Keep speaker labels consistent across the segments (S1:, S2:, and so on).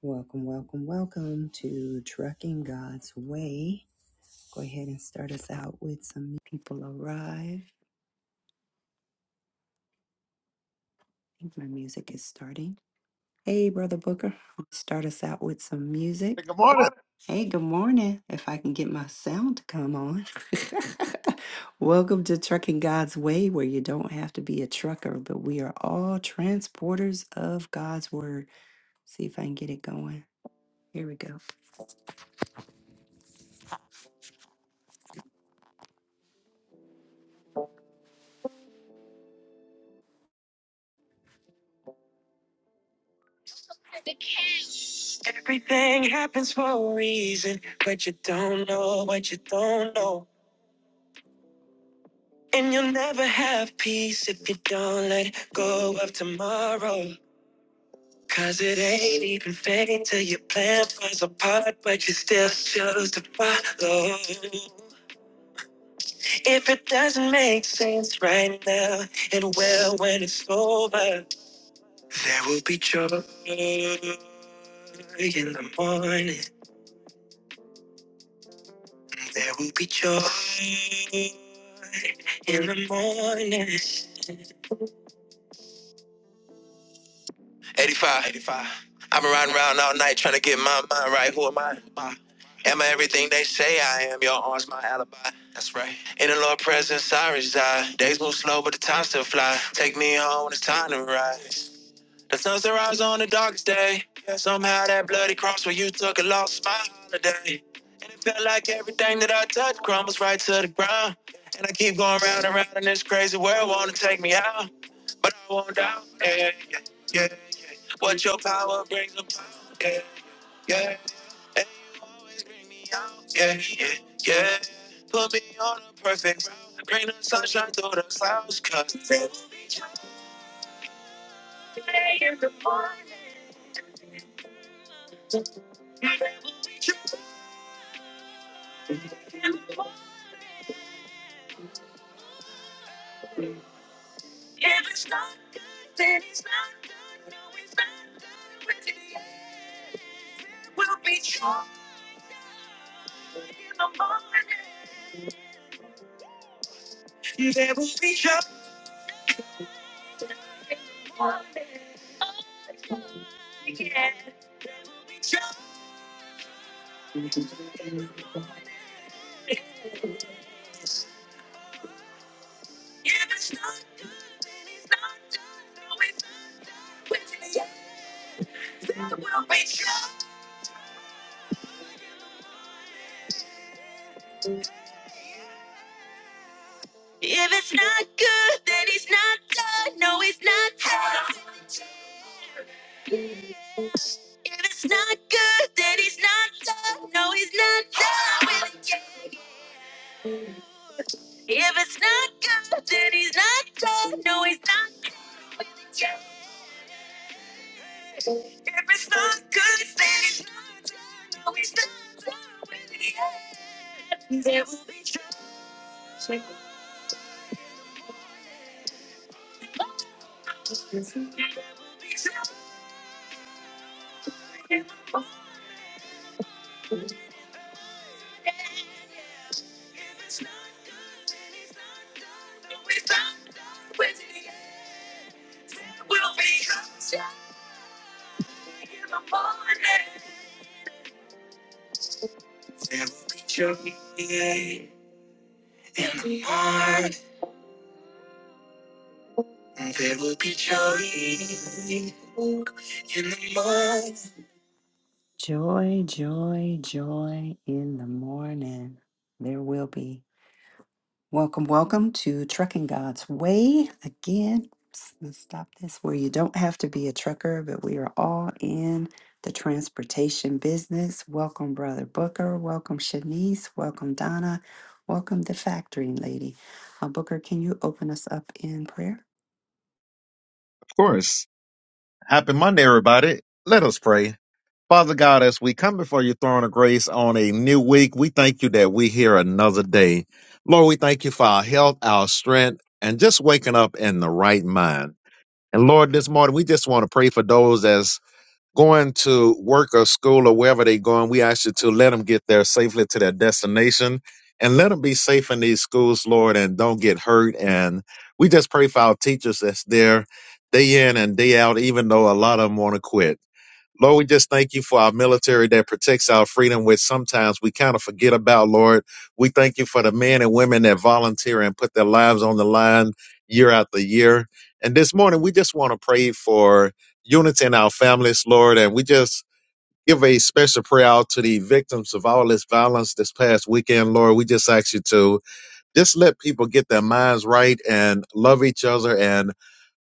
S1: Welcome, welcome, welcome to Trucking God's Way. Go ahead and start us out with some people arrive. I think my music is starting. Hey, Brother Booker, start us out with some music.
S2: Good
S1: Good
S2: morning.
S1: morning.
S2: Of
S1: Hey, good morning. If I can get my sound to come on. welcome to Trucking God's Way, where you don't have to be a trucker, but we are all transporters of God's Word. See if I can get it going. Here we go. Everything happens for a reason, but you don't know what you don't know. And you'll never have peace if you don't let go of tomorrow. Cause it ain't even fate till your plan falls apart, but you still choose to follow. If it doesn't make sense right now, it will when it's over, there will be joy in the morning. There will be joy in the morning. 85, 85. I've been riding around all night trying to get my mind right. Who am I? Am I everything they say I am? Your arms, my alibi. That's right. In the Lord presence, I reside. Days move slow, but the time still flies. Take me home when it's time to rise. The sun sunrise on the darkest day. Yeah, Somehow that bloody cross where you took a loss, my holiday. And it felt like everything that I touched crumbles right to the ground. And I keep going round and round in this crazy world, wanna take me out. But I won't doubt, yeah, yeah, yeah. yeah. What your power brings about, yeah, yeah. It Always bring me out, yeah, yeah, yeah. Put me on a perfect route. Bring the sunshine through the clouds, cause If it's not, then it's not No, it's not With the end will be trouble. There will be trouble. It's not- If it's not good, there will be joy in the morning. There will be joy in the morning. Joy, joy, joy in the morning. There will be. Welcome, welcome to Trucking God's Way. Again, let's stop this where you don't have to be a trucker, but we are all in the transportation business. Welcome, Brother Booker. Welcome, Shanice. Welcome, Donna. Welcome, the factoring lady. Uh, Booker, can you open us up in prayer?
S2: course. Happy Monday, everybody. Let us pray. Father God, as we come before your throne of grace on a new week, we thank you that we hear another day. Lord, we thank you for our health, our strength, and just waking up in the right mind. And Lord, this morning we just want to pray for those as going to work or school or wherever they're going, we ask you to let them get there safely to their destination and let them be safe in these schools, Lord, and don't get hurt. And we just pray for our teachers that's there day in and day out, even though a lot of them want to quit. Lord, we just thank you for our military that protects our freedom, which sometimes we kind of forget about, Lord. We thank you for the men and women that volunteer and put their lives on the line year after year. And this morning, we just want to pray for unity in our families, Lord. And we just give a special prayer out to the victims of all this violence this past weekend, Lord. We just ask you to just let people get their minds right and love each other. And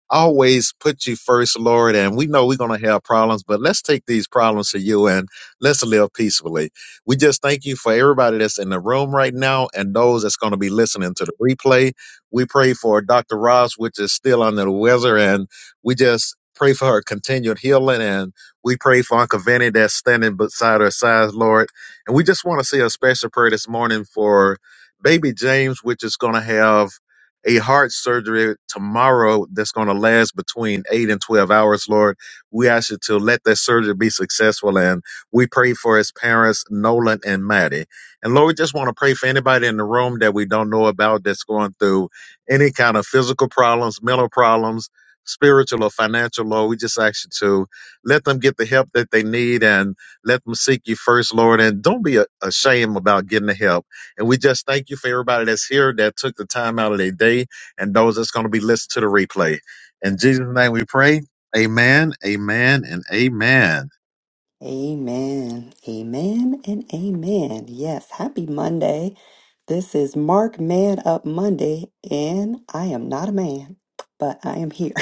S2: always put you first, Lord. And we know we're going to have problems, but let's take these problems to you and let's live peacefully. We just thank you for everybody that's in the room right now and those that's going to be listening to the replay. We pray for Dr. Ross, which is still under the weather, and we just pray for her continued healing. And we pray for Uncle Vinny that's standing beside her side, Lord. And we just want to say a special prayer this morning for baby James, which is going to have a heart surgery tomorrow that's going to last between eight and 12 hours, Lord. We ask you to let that surgery be successful. And we pray for his parents, Nolan and Maddie. And Lord, we just want to pray for anybody in the room that we don't know about that's going through any kind of physical problems, mental problems, spiritual or financial, Lord. We just ask you to let them get the help that they need and let them seek you first, Lord. And don't be a- ashamed about getting the help and we just thank you for everybody that's here that took the time out of their day and those that's going to be listening to the replay. In Jesus' name we pray. Amen, amen, and amen.
S1: Amen. Amen and amen. Yes, happy Monday. This is Mark Man Up Monday, and I am not a man, but I am here.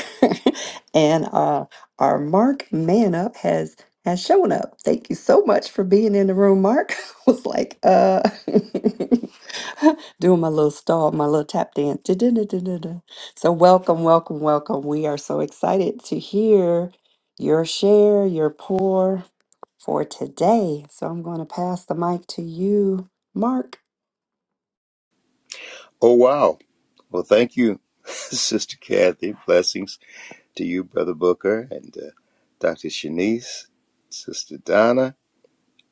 S1: and uh, our Mark Man Up has has shown up. Thank you so much for being in the room, Mark. I was like, uh, doing my little stall, my little tap dance. Du-du-du-du-du-du. So welcome, welcome, welcome. We are so excited to hear your share, your pour for today. So I'm going to pass the mic to you, Mark.
S3: Oh, wow. Well, thank you, Sister Kathy. Blessings to you, Brother Booker, and uh, Dr. Shanice, Sister Donna,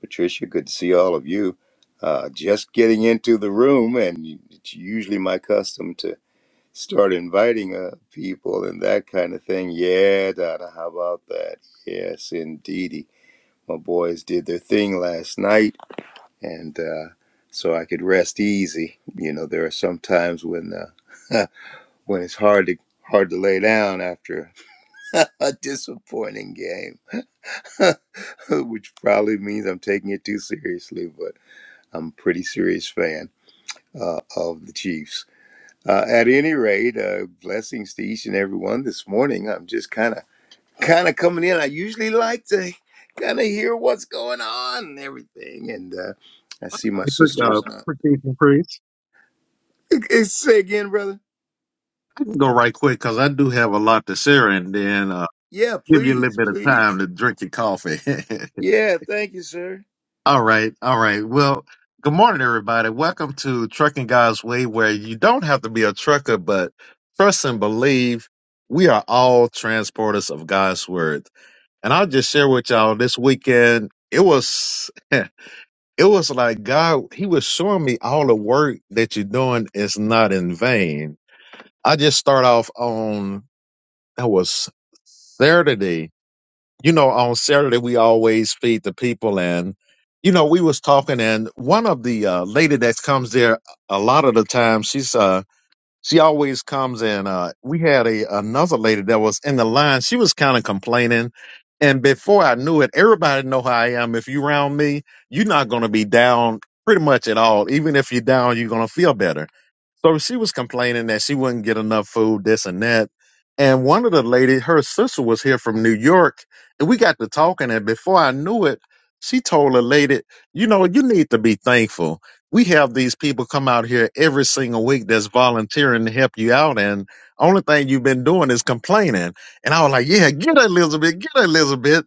S3: Patricia. Good to see all of you. Uh, just getting into the room, and it's usually my custom to start inviting uh, people and that kind of thing. Yeah, Donna, how about that? Yes, indeedy. My boys did their thing last night, and uh, so I could rest easy. You know, there are some times when. Uh, when it's hard to hard to lay down after a disappointing game, which probably means I'm taking it too seriously. But I'm a pretty serious fan uh, of the Chiefs. Uh, at any rate, uh, blessings to each and every one this morning. I'm just kind of kind of coming in. I usually like to kind of hear what's going on and everything, and uh, I see my
S2: Hey, Quick,
S3: sister
S2: uh,
S3: is not.
S2: quick piece of praise.
S3: Say again, brother.
S2: I can go right quick because I do have a lot to share and then uh,
S3: Yeah,
S2: give you a little
S3: please,
S2: bit of
S3: please.
S2: time to drink your coffee.
S3: Yeah, thank you, sir.
S2: all right, all right. Well, good morning, everybody. Welcome to Trucking God's Way, where you don't have to be a trucker, but trust and believe we are all transporters of God's Word. And I'll just share with y'all this weekend. It was, it was like God, He was showing me all the work that you're doing is not in vain. I just start off on, that was Saturday. You know, on Saturday, we always feed the people. And, you know, we was talking and one of the uh, lady that comes there a lot of the time, she's, uh she always comes in. Uh, we had a another lady that was in the line. She was kind of complaining, and before I knew it, everybody know how I am. If you round me, you're not gonna be down pretty much at all. Even if you're down, you're gonna feel better. So she was complaining that she wouldn't get enough food, this and that. And one of the ladies, her sister was here from New York, and we got to talking. And before I knew it, she told a lady, you know, you need to be thankful. We have these people come out here every single week that's volunteering to help you out. And only thing you've been doing is complaining. And I was like, yeah, get her, Elizabeth, get her, Elizabeth.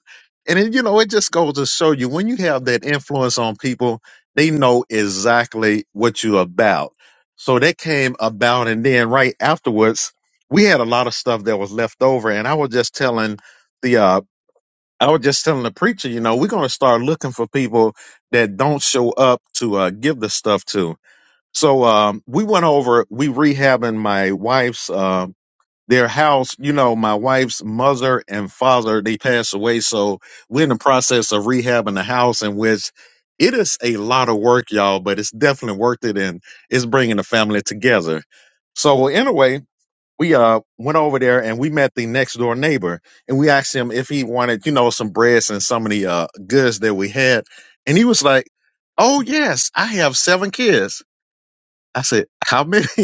S2: And then, you know, it just goes to show you when you have that influence on people, they know exactly what you're about so that came about. And then right afterwards, we had a lot of stuff that was left over. And I was just telling the, uh, I was just telling the preacher, you know, we're going to start looking for people that don't show up to uh, give the stuff to. So um, we went over, we rehabbing my wife's uh, their house, you know, my wife's mother and father, they passed away. So we're in the process of rehabbing the house in which it is a lot of work, y'all, but it's definitely worth it. And it's bringing the family together. So well, anyway, we uh went over there and we met the next door neighbor and we asked him if he wanted, you know, some breads and some of the uh, goods that we had. And he was like, Oh yes, I have seven kids. I said, How many?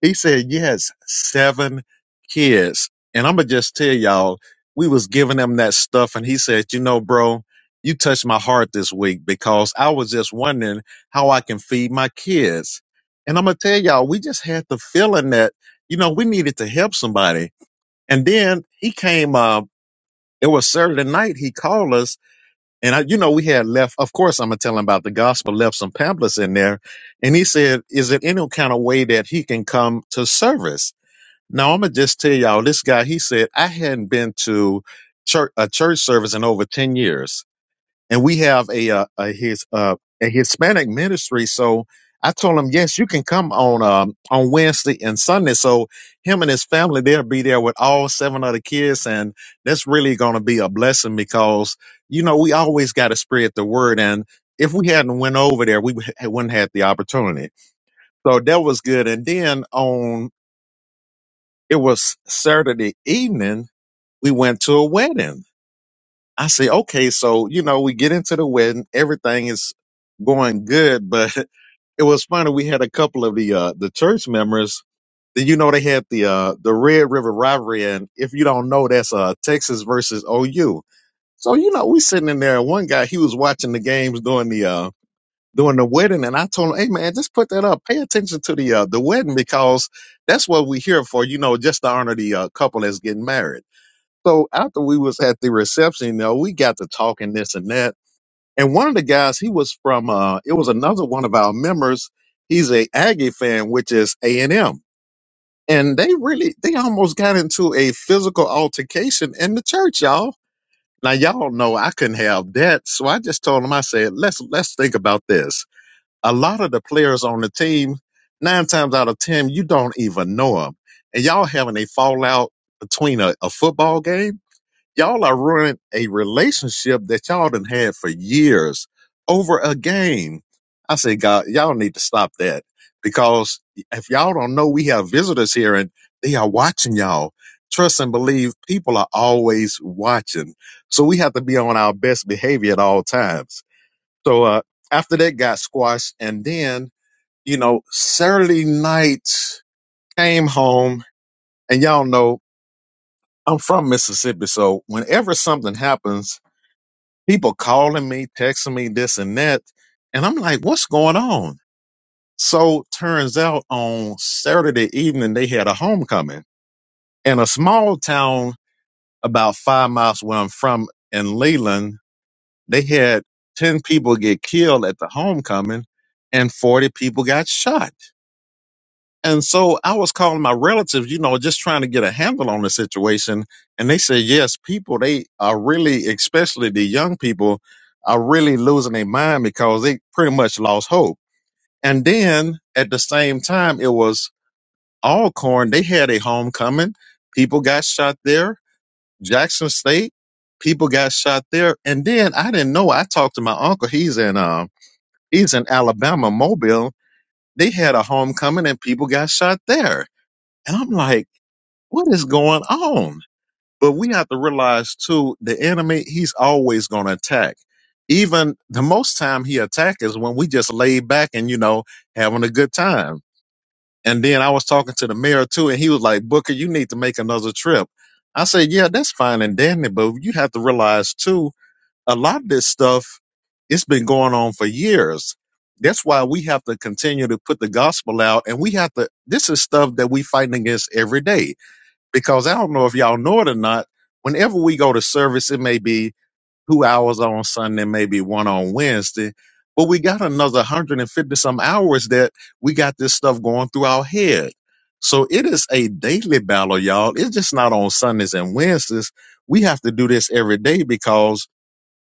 S2: He said, yes, seven kids. And I'm going to just tell y'all, we was giving him that stuff. And he said, you know, bro, you touched my heart this week because I was just wondering how I can feed my kids. And I'm going to tell y'all, we just had the feeling that, you know, we needed to help somebody. And then he came, uh, it was Saturday night. He called us and I, you know, we had left, of course, I'm going to tell him about the gospel, left some pamphlets in there. And he said, is there any kind of way that he can come to service? Now I'm gonna just tell y'all this guy. He said I hadn't been to church, a church service in over ten years, and we have a, uh a his uh, a Hispanic ministry. So I told him, yes, you can come on um, on Wednesday and Sunday. So him and his family they'll be there with all seven other kids, and that's really gonna be a blessing because you know we always got to spread the word and. If we hadn't went over there, we wouldn't have had the opportunity. So that was good. And then on it was Saturday evening. We went to a wedding. I say, okay, so you know, we get into the wedding, everything is going good, but it was funny. We had a couple of the uh, the church members. that you know they had the uh, the Red River rivalry, and if you don't know, that's uh Texas versus OU. So you know, we sitting in there, and one guy he was watching the games during the uh during the wedding, and I told him, hey man, just put that up, pay attention to the uh, the wedding because that's what we're here for, you know, just to honor the uh, couple that's getting married. So after we was at the reception, you know, we got to talking this and that. And one of the guys, he was from uh it was another one of our members. He's a Aggie fan, which is A and M. And they really they almost got into a physical altercation in the church, y'all. Now y'all know I couldn't have that. So I just told him, I said, let's let's think about this. A lot of the players on the team, nine times out of ten, you don't even know them. And y'all having a fallout between a, a football game Y'all are ruining a relationship that y'all done had for years over a game. I say, God, y'all need to stop that because if y'all don't know, we have visitors here and they are watching y'all. Trust and believe people are always watching. So we have to be on our best behavior at all times. So, uh, after that got squashed and then, you know, Saturday night came home and y'all know I'm from Mississippi. So whenever something happens, people calling me, texting me this and that. And I'm like, what's going on? So turns out on Saturday evening, they had a homecoming in a small town about five miles where I'm from in Leland. They had 10 people get killed at the homecoming and 40 people got shot. And so I was calling my relatives, you know, just trying to get a handle on the situation. And they said, yes, people, they are really, especially the young people, are really losing their mind because they pretty much lost hope. And then at the same time, it was Alcorn. They had a homecoming. People got shot there. Jackson State, people got shot there. And then I didn't know. I talked to my uncle. He's in, uh, he's in Alabama, Mobile. They had a homecoming and people got shot there. And I'm like, what is going on? But we have to realize too, the enemy, he's always going to attack. Even the most time he attack is when we just lay back and, you know, having a good time. And then I was talking to the mayor too, and he was like, Booker, you need to make another trip. I said, yeah, that's fine and dandy, but you have to realize too, a lot of this stuff, it's been going on for years. That's why we have to continue to put the gospel out and we have to, this is stuff that we fighting against every day because I don't know if y'all know it or not. Whenever we go to service, it may be two hours on Sunday, maybe one on Wednesday, but we got another 150 some hours that we got this stuff going through our head. So it is a daily battle, y'all. It's just not on Sundays and Wednesdays. We have to do this every day because,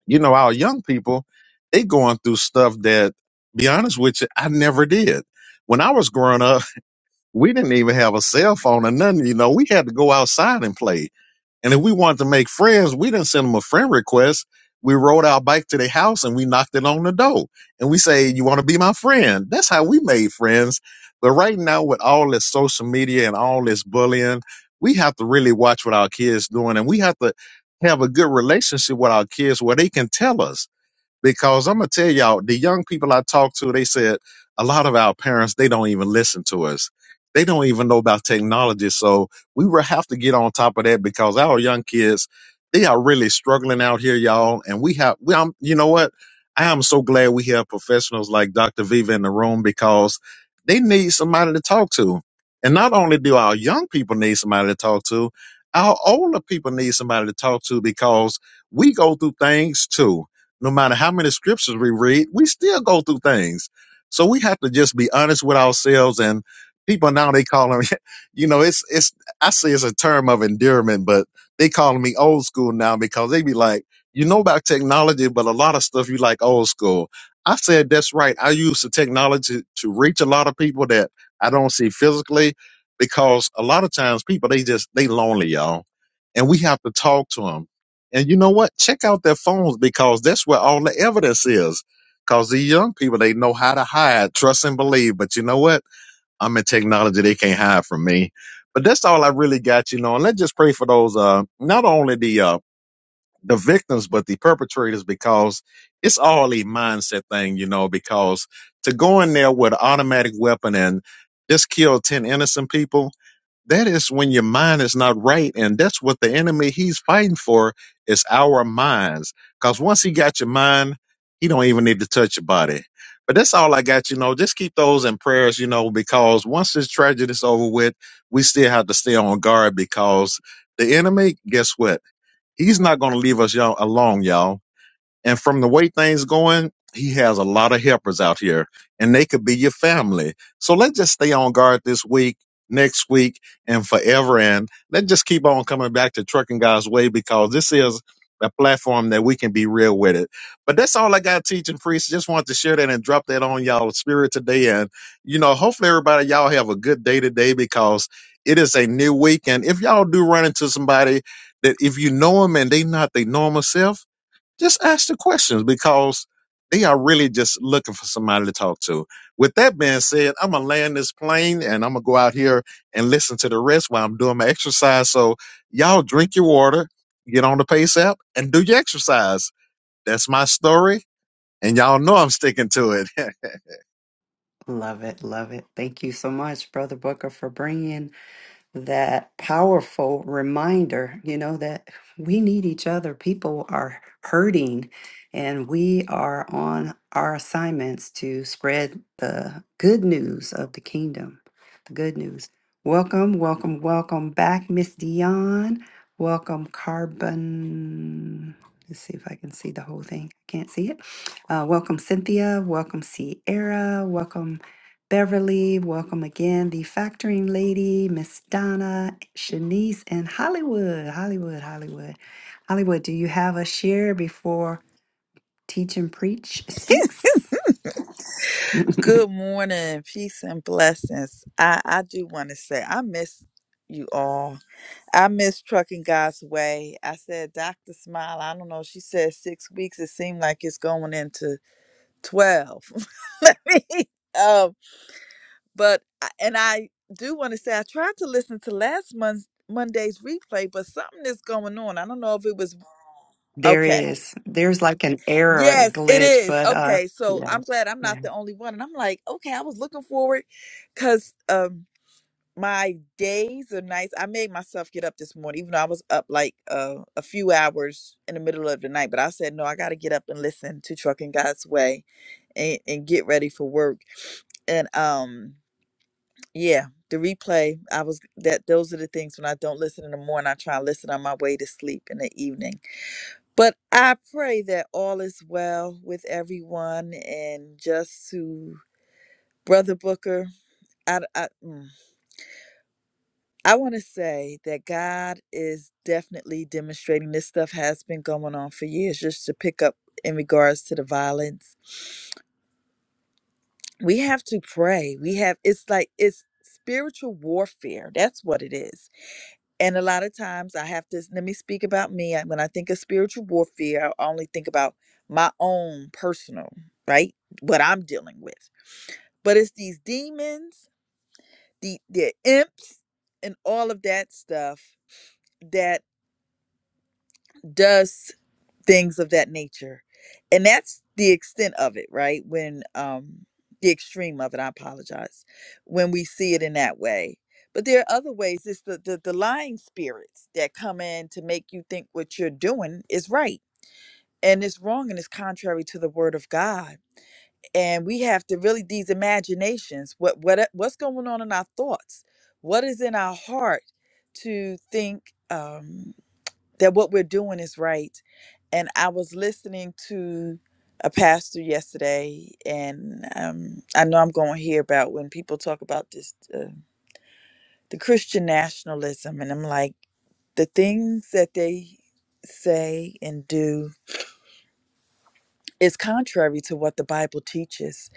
S2: you know, our young people, they going through stuff that, be honest with you, I never did. When I was growing up, we didn't even have a cell phone or nothing. You know, we had to go outside and play. And if we wanted to make friends, we didn't send them a friend request. We rode our bike to their house and we knocked it on the door. And we say, You want to be my friend? That's how we made friends. But right now, with all this social media and all this bullying, we have to really watch what our kids doing and we have to have a good relationship with our kids where they can tell us because I'm gonna tell y'all, the young people I talked to, they said a lot of our parents they don't even listen to us. They don't even know about technology, so we will have to get on top of that because our young kids they are really struggling out here, y'all. And we have, we, I'm, you know what? I am so glad we have professionals like Dr. Viva in the room because they need somebody to talk to. And not only do our young people need somebody to talk to, our older people need somebody to talk to because we go through things too no matter how many scriptures we read, we still go through things. So we have to just be honest with ourselves. And people now they call them, you know, it's it's I say it's a term of endearment, but they call me old school now because they be like, you know about technology, but a lot of stuff you like old school. I said that's right. I use the technology to reach a lot of people that I don't see physically because a lot of times people they just they lonely, y'all, and we have to talk to them and you know what? Check out their phones because that's where all the evidence is. Because these young people, they know how to hide, trust and believe. But you know what? I'm in technology. They can't hide from me. But that's all I really got, you know. And let's just pray for those, uh, not only the, uh, the victims, but the perpetrators, because it's all a mindset thing, you know, because to go in there with an automatic weapon and just kill 10 innocent people, that is when your mind is not right and that's what the enemy he's fighting for is our minds because once he got your mind he don't even need to touch your body but that's all i got you know just keep those in prayers you know because once this tragedy is over with we still have to stay on guard because the enemy guess what he's not going to leave us y'all alone y'all and from the way things going, he has a lot of helpers out here, and they could be your family. So let's just stay on guard this week, next week, and forever. And let's just keep on coming back to Trucking God's Way because this is a platform that we can be real with it. But that's all I got teaching priests. Just wanted to share that and drop that on y'all spirit today. And you know, hopefully everybody y'all have a good day today because it is a new week. And if y'all do run into somebody that if you know them and they not their normal self just ask the questions because they are really just looking for somebody to talk to. With that being said, I'm gonna land this plane and I'm gonna go out here and listen to the rest while I'm doing my exercise. So y'all drink your water, get on the pace app, and do your exercise. That's my story, and y'all know I'm sticking to it.
S1: Love it, love it. Thank you so much, Brother Booker, for bringing. that powerful reminder, you know, that we need each other. People are hurting, and we are on our assignments to spread the good news of the kingdom. The good news. Welcome, welcome, welcome back, Miss Dion. Welcome, Carbon. Let's see if I can see the whole thing. I can't see it. Uh, welcome, Cynthia. Welcome, Sierra. Welcome, Beverly, welcome again. The factoring lady, Miss Donna, Shanice, and Hollywood. Hollywood, Hollywood. Hollywood, do you have a share before Teach and Preach speaks?
S4: Good morning, peace and blessings. I, I do want to say I miss you all. I miss trucking God's way. I said Dr. Smile, I don't know, she said six weeks. It seemed like it's going into twelve. um, but I- and I do want to say I tried to listen to last month's Monday's replay, but something is going on. I don't know if it was
S1: There
S4: okay.
S1: is. There's like an error, a
S4: Yes, it
S1: glitch,
S4: is.
S1: but uh
S4: Okay, so
S1: yeah.
S4: I'm glad I'm not
S1: Yeah.
S4: the only one. And I'm like, okay, I was looking forward because um my days or nights, I made myself get up this morning, even though I was up like uh, a few hours in the middle of the night. But I said, no, I got to get up and listen to Trucking God's Way and, and get ready for work. And um, yeah, the replay, I was that those are the things when I don't listen in the morning, I try and listen on my way to sleep in the evening but I pray that all is well with everyone. And just to Brother Booker, I, I, mm, I want to say that God is definitely demonstrating this stuff has been going on for years, just to pick up in regards to the violence. We have to pray. We have, it's like, it's spiritual warfare. That's what it is and a lot of times I have to let me speak about me. I- When I think of spiritual warfare, I only think about my own personal, right? What I'm dealing with. But it's these demons, the the imps, and all of that stuff that does things of that nature. And that's the extent of it, right? When um the extreme of it, I apologize. When we see it in that way. But there are other ways. It's the, the, the lying spirits that come in to make you think what you're doing is right and it's wrong and it's contrary to the word of God. And we have to really these imaginations, what what uh, what's going on in our thoughts, what is in our heart to think um that what we're doing is right. And I was listening to a pastor yesterday, and um, I know I'm going to hear about when people talk about this, uh, the Christian nationalism, and I'm like, the things that they say and do is contrary to what the Bible teaches.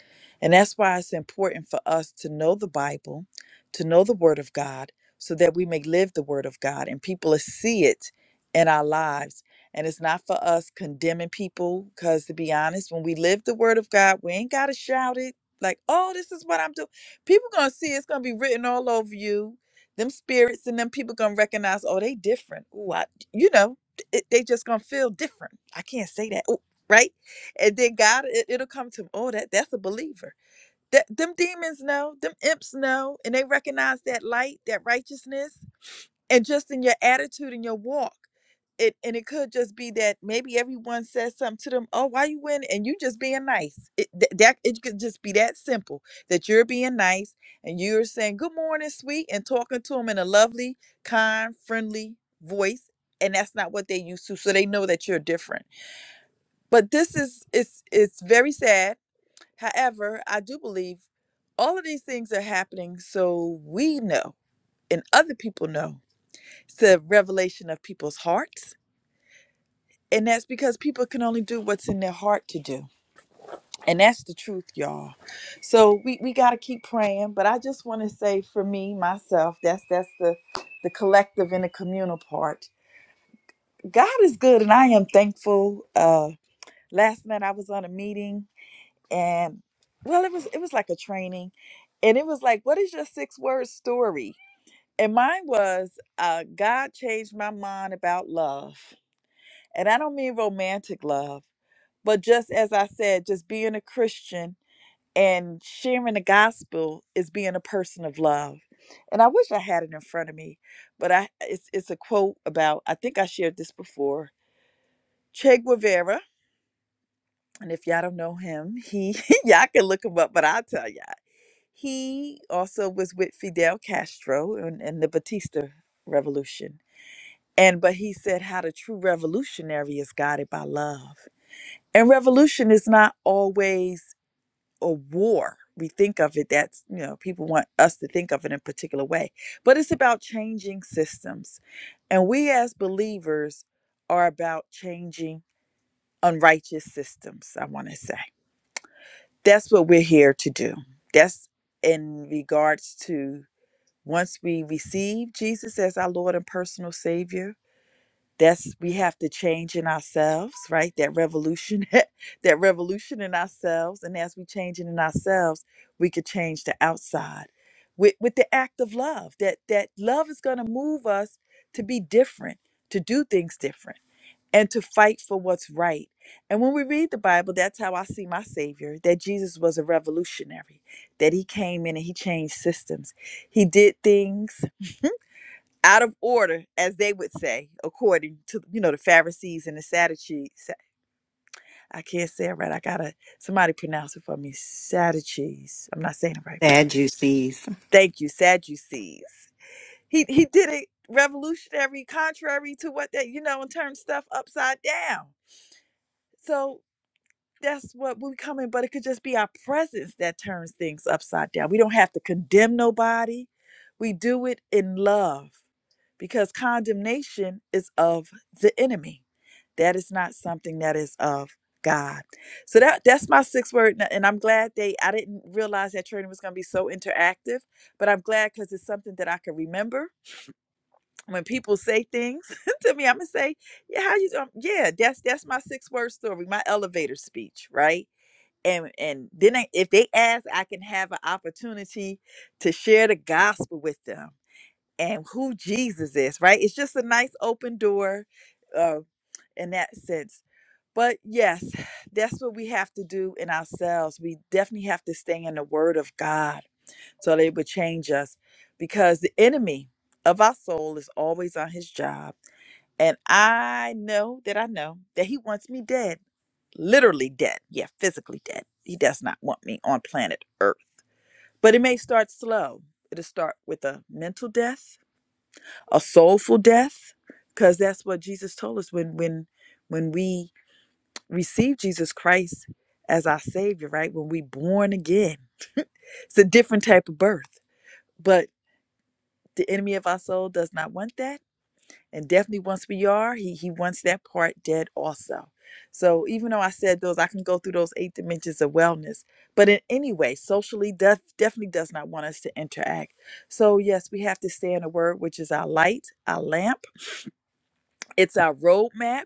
S4: And that's why it's important for us to know the Bible, to know the Word of God, so that we may live the Word of God and people will see it in our lives. And it's not for us condemning people, because to be honest, when we live the Word of God, we ain't got to shout it like, oh, this is what I'm doing. People going to see it, it's going to be written all over you. Them spirits and them people going to recognize, oh, they different. Ooh, I, you know, it, they just going to feel different. I can't say that. Ooh, right? And then God, it, it'll come to him. Oh, that that's a believer. That them demons know, them imps know, and they recognize that light, that righteousness, and just in your attitude and your walk. It and it could just be that maybe everyone says something to them. Oh, why you win? And you just being nice. It th- that it could just be that simple that you're being nice and you're saying good morning, sweet, and talking to them in a lovely, kind, friendly voice. And that's not what they used to, so they know that you're different but this is it's it's very sad however i do believe all of these things are happening so we know and other people know it's a revelation of people's hearts and that's because people can only do what's in their heart to do and that's the truth y'all so we, we got to keep praying but i just want to say for me myself that's that's the the collective and the communal part god is good and i am thankful uh last night i was on a meeting and well it was it was like a training and it was like what is your six word story and mine was uh god changed my mind about love and i don't mean romantic love but just as i said just being a christian and sharing the gospel is being a person of love and i wish i had it in front of me but i it's, it's a quote about i think i shared this before che guevara and if y'all don't know him he y'all can look him up but i'll tell y'all He also was with Fidel Castro in, in the Batista Revolution. And but he said how the true revolutionary is guided by love. And revolution is not always a war. We think of it that's, you know, people want us to think of it in a particular way. But it's about changing systems. And we as believers are about changing unrighteous systems, I want to say. That's what we're here to do. That's in regards to Once we receive Jesus as our Lord and personal Savior, that's we have to change in ourselves, right? That revolution, that revolution in ourselves, and as we change it in ourselves, we could change the outside with with the act of love. That that love is going to move us to be different, to do things different, and to fight for what's right. And when we read the Bible, that's how I see my Savior. That Jesus was a revolutionary. That He came in and He changed systems. He did things out of order, as they would say, according to you know the Pharisees and the Sadducees. I can't say it right. I gotta somebody pronounce it for me. Sadducees. I'm not saying it right.
S1: Sad you sees.
S4: Thank you, Sadducees. He he did it revolutionary, contrary to what they you know, and turned stuff upside down. So that's what we come in, but it could just be our presence that turns things upside down. We don't have to condemn nobody. We do it in love because condemnation is of the enemy. That is not something that is of God. So that that's my sixth word. And and I'm glad they I didn't realize that training was gonna be so interactive, but I'm glad because it's something that I can remember. When people say things to me, I'm gonna say, Yeah, how you doing? Yeah, that's that's my six word story, my elevator speech, right? and and then I, if they ask i can have an opportunity to share the gospel with them and who jesus is right it's just a nice open door uh, in that sense but yes that's what we have to do in ourselves we definitely have to stay in the word of god so that it would change us because the enemy of our soul is always on his job and i know that i know that he wants me dead literally dead. Yeah, physically dead. He does not want me on planet Earth. But it may start slow. It'll start with a mental death, a soulful death, because that's what Jesus told us when when when we receive Jesus Christ as our Savior, right? When we born again, it's a different type of birth. But the enemy of our soul does not want that and definitely once we are he he wants that part dead also so even though i said those i can go through those eight dimensions of wellness but in any way socially does definitely does not want us to interact so yes we have to stay in the word which is our light our lamp it's our roadmap.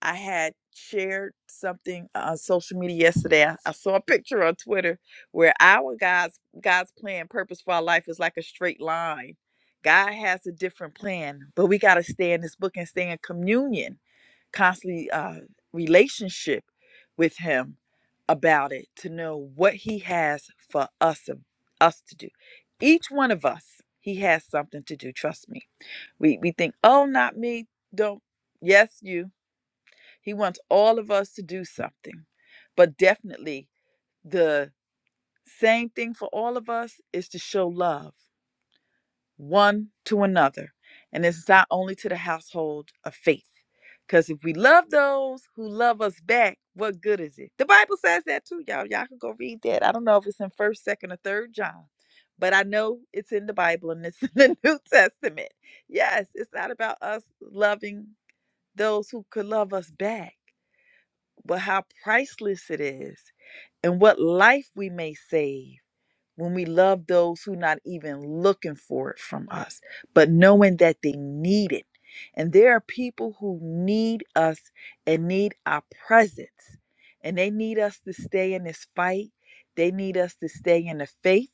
S4: I had shared something uh, on social media yesterday. I, I saw a picture on Twitter where our God's God's plan, purpose for our life is like a straight line. God has a different plan, but we got to stay in this book and stay in communion, constantly uh, relationship with Him about it to know what He has for us us to do. Each one of us, He has something to do. Trust me. We we think, oh, not me. Don't. Yes, you. He wants all of us to do something, but definitely the same thing for all of us is to show love one to another, and it's not only to the household of faith. Because if we love those who love us back, what good is it? The Bible says that too, y'all. Y'all can go read that. I don't know if it's in First, Second, or Third John, but I know it's in the Bible and it's in the New Testament. Yes, it's not about us loving those who could love us back, but how priceless it is and what life we may save when we love those who not even looking for it from us, but knowing that they need it. And there are people who need us and need our presence. And they need us to stay in this fight. They need us to stay in the faith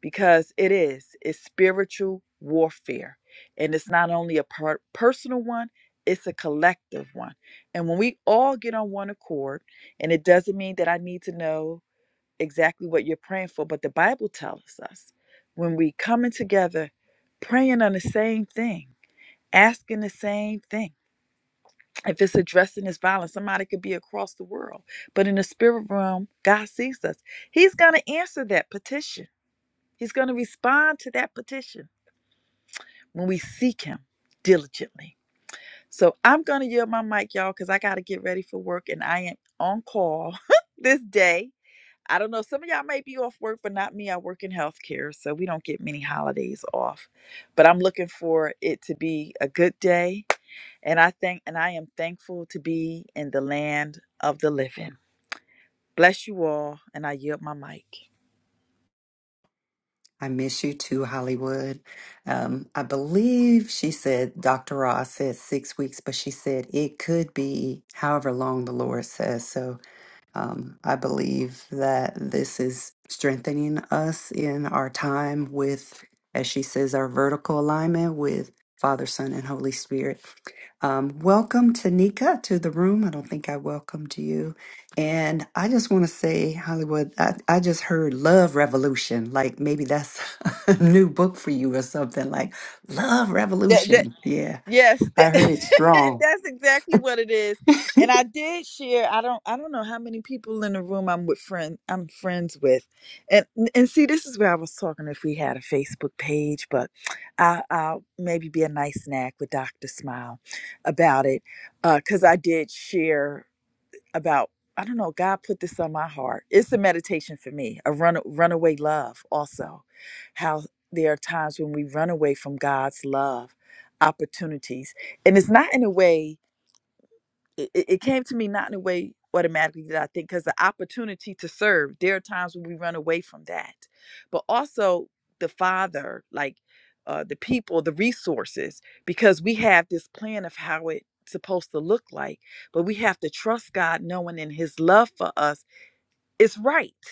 S4: because it is it's spiritual warfare and it's not only a per- personal one it's a collective one and when we all get on one accord and it doesn't mean that i need to know exactly what you're praying for but the bible tells us when we coming together praying on the same thing asking the same thing if it's addressing this violence somebody could be across the world but in the spirit realm god sees us he's going to answer that petition He's going to respond to that petition when we seek him diligently. So I'm going to yield my mic, y'all, because I got to get ready for work and I am on call this day. I don't know. Some of y'all may be off work, but not me. I work in healthcare, so we don't get many holidays off. But I'm looking for it to be a good day. And I think, and I am thankful to be in the land of the living. Bless you all, and I yield my mic.
S1: I miss you too, Hollywood. Um, I believe she said Dr. Ross said six weeks, but she said it could be however long the Lord says. So Um, I believe that this is strengthening us in our time with, as she says, our vertical alignment with Father, Son, and Holy Spirit. Um, welcome, Tanika, to the room. I don't think I welcomed you. And I just want to say, Hollywood, I, I just heard Love Revolution. Like maybe that's a new book for you or something like Love
S4: That, that,
S1: Revolution. Yeah,
S4: Yes,
S1: I
S4: that,
S1: heard it strong.
S4: that's exactly what it is. And I did share. I don't. I don't know how many people in the room I'm with. Friend, I'm friends with, and and see, this is where I was talking. If we had a Facebook page, but I, I'll maybe be a nice snack with Doctor Smile about it, because I did share about I don't know, God put this on my heart. It's a meditation for me, a run runaway love also. How there are times when we run away from God's love, opportunities. And it's not in a way it, it came to me not in a way automatically that I think, because the opportunity to serve, there are times when we run away from that. But also the Father, like uh, the people, the resources, because we have this plan of how it's supposed to look like, but we have to trust God knowing in His love for us is right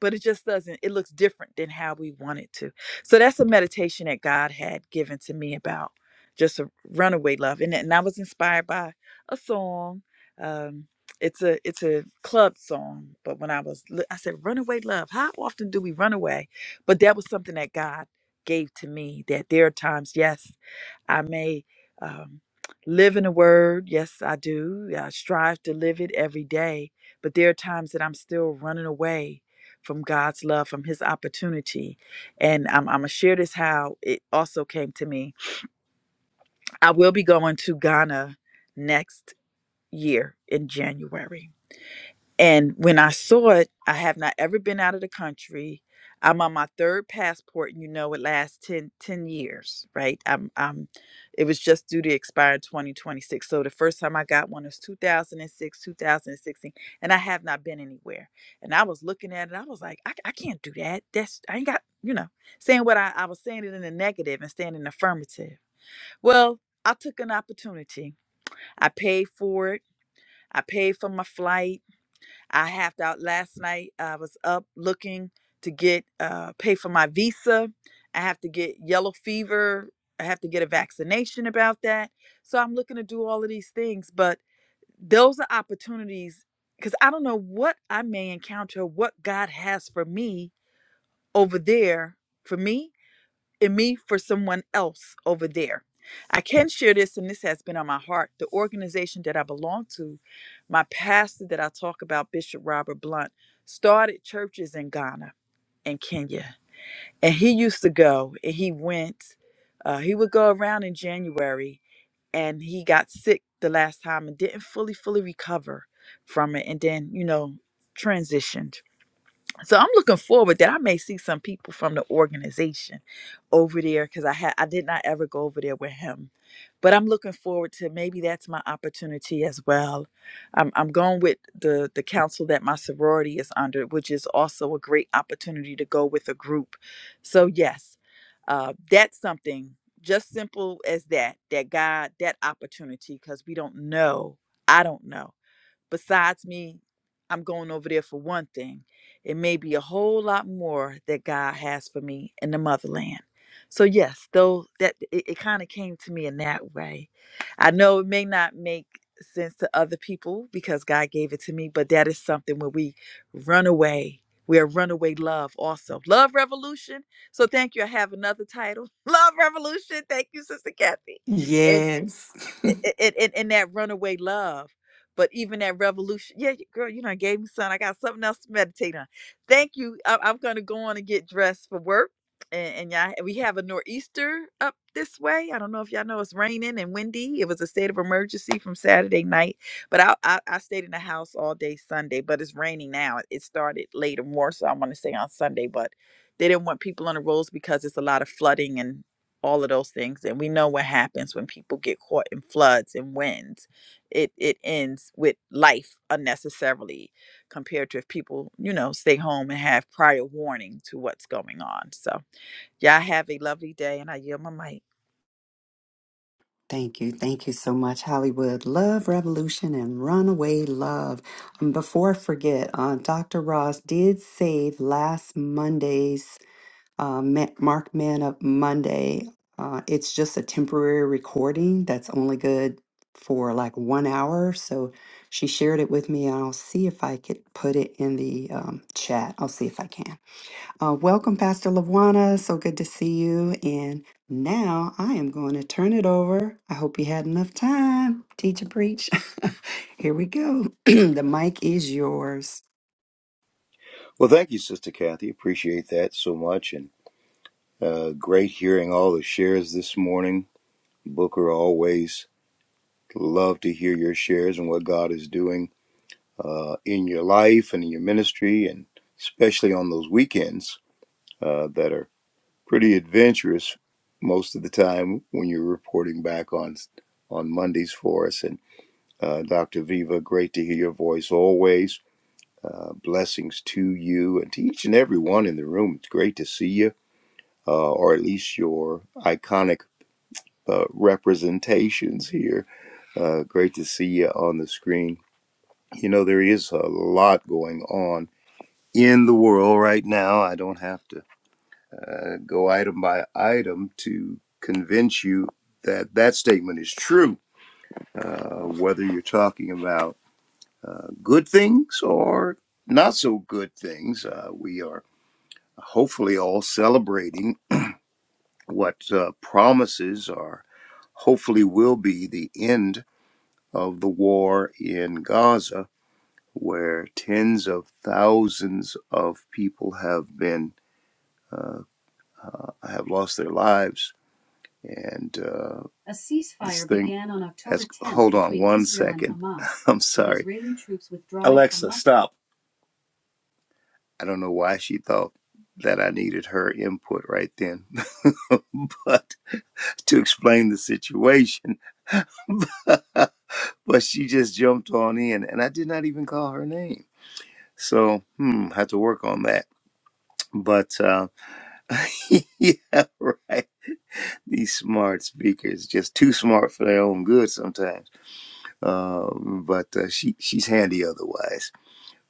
S4: but it just doesn't it looks different than how we want it to so that's a meditation that god had given to me about just a runaway love and, and i was inspired by a song um it's a it's a club song but when i was i said runaway love how often do we run away but that was something that god gave to me that there are times yes I may um, live in the word. Yes, I do. I strive to live it every day. But there are times that I'm still running away from God's love, from His opportunity. And I'm, I'm going to share this how it also came to me. I will be going to Ghana next year in January and when I saw it, I have not ever been out of the country. I'm on my third passport, and you know it lasts 10 10 years, right? I'm, I'm, it was just due to expire in 2026. So the first time I got one was 2006, 2016, and I have not been anywhere. And I was looking at it, I was like, I, I can't do that. That's, I ain't got, you know, saying what I, I was saying it in the negative and saying it in the affirmative. Well, I took an opportunity. I paid for it. I paid for my flight. I halved out last night. I was up looking to get uh, pay for my visa. I have to get yellow fever. I have to get a vaccination about that. So I'm looking to do all of these things, but those are opportunities because I don't know what I may encounter, what God has for me over there for me in me for someone else over there. I can share this, and this has been on my heart. The organization that I belong to, my pastor that I talk about, Bishop Robert Blunt, started churches in Ghana and Kenya. And he used to go and he went, uh, he would go around in January and he got sick the last time and didn't fully, fully recover from it. And then, you know, transitioned. So I'm looking forward that I may see some people from the organization over there because I had I did not ever go over there with him, but I'm looking forward to maybe that's my opportunity as well. I'm I'm going with the the council that my sorority is under, which is also a great opportunity to go with a group. So yes, uh, that's something just simple as that. That God, that opportunity because we don't know. I don't know besides me, I'm going over there for one thing. It may be a whole lot more that God has for me in the motherland. So yes, though that it, it kind of came to me in that way. I know it may not make sense to other people because God gave it to me, but that is something where we run away. We are runaway love also. Love revolution. So thank you. I have another title. Love revolution. Thank you, Sister Kathy. And
S1: Yes.
S4: in, in, in that runaway love. But even that revolution, yeah, girl, you know, I gave me something. I got something else to meditate on. Thank you. I, I'm gonna go on and get dressed for work. And, and all we have a nor'easter up this way. I don't know if y'all know it's raining and windy. It was a state of emergency from Saturday night, but I I, I stayed in the house all day Sunday. But it's raining now. It started later more, so I want to say on Sunday. But they didn't want people on the roads because it's a lot of flooding and all of those things. And we know what happens when people get caught in floods and winds it it ends with life unnecessarily compared to if people you know stay home and have prior warning to what's going on so y'all have a lovely day and i yield my mic
S1: Thank you. Thank you so much, Hollywood. Love Revolution and Runaway Love. And before I forget, uh, Dr. Ross did save last Monday's uh, Ma- Mark Man of Monday. Uh, it's just a temporary recording that's only good for like one hour. So she shared it with me, and I'll see if I could put it in the um, chat. I'll see if I can. Uh, welcome, Pastor Lawana. So good to see you. And now I am going to turn it over. I hope you had enough time. Teach and preach. Here we go. the mic is yours.
S3: Well, thank you, Sister Kathy. Appreciate that so much. And uh, great hearing all the shares this morning. Booker, always love to hear your shares and what God is doing uh, in your life and in your ministry, and especially on those weekends uh, that are pretty adventurous most of the time when you're reporting back on on Mondays for us. And uh, Dr. Viva, great to hear your voice always. Uh, blessings to you and to each and every one in the room. It's great to see you uh, or at least your iconic uh, representations here. Uh, great to see you on the screen. You know, there is a lot going on in the world right now. I don't have to uh, go item by item to convince you that that statement is true, uh, whether you're talking about uh, good things or not so good things. Uh, we are hopefully all celebrating what uh, promises are hopefully will be the end of the war in Gaza, where tens of thousands of people have been uh, uh, have lost their lives. And uh, a ceasefire began on October 10th hold on one second. I'm sorry. Alexa, stop. I don't know why she thought that I needed her input right then, but to explain the situation. but she just jumped on in and I did not even call her name. So, hmm, have to work on that. But uh, yeah, right. These smart speakers, just too smart for their own good sometimes. Um, but uh, she she's handy otherwise.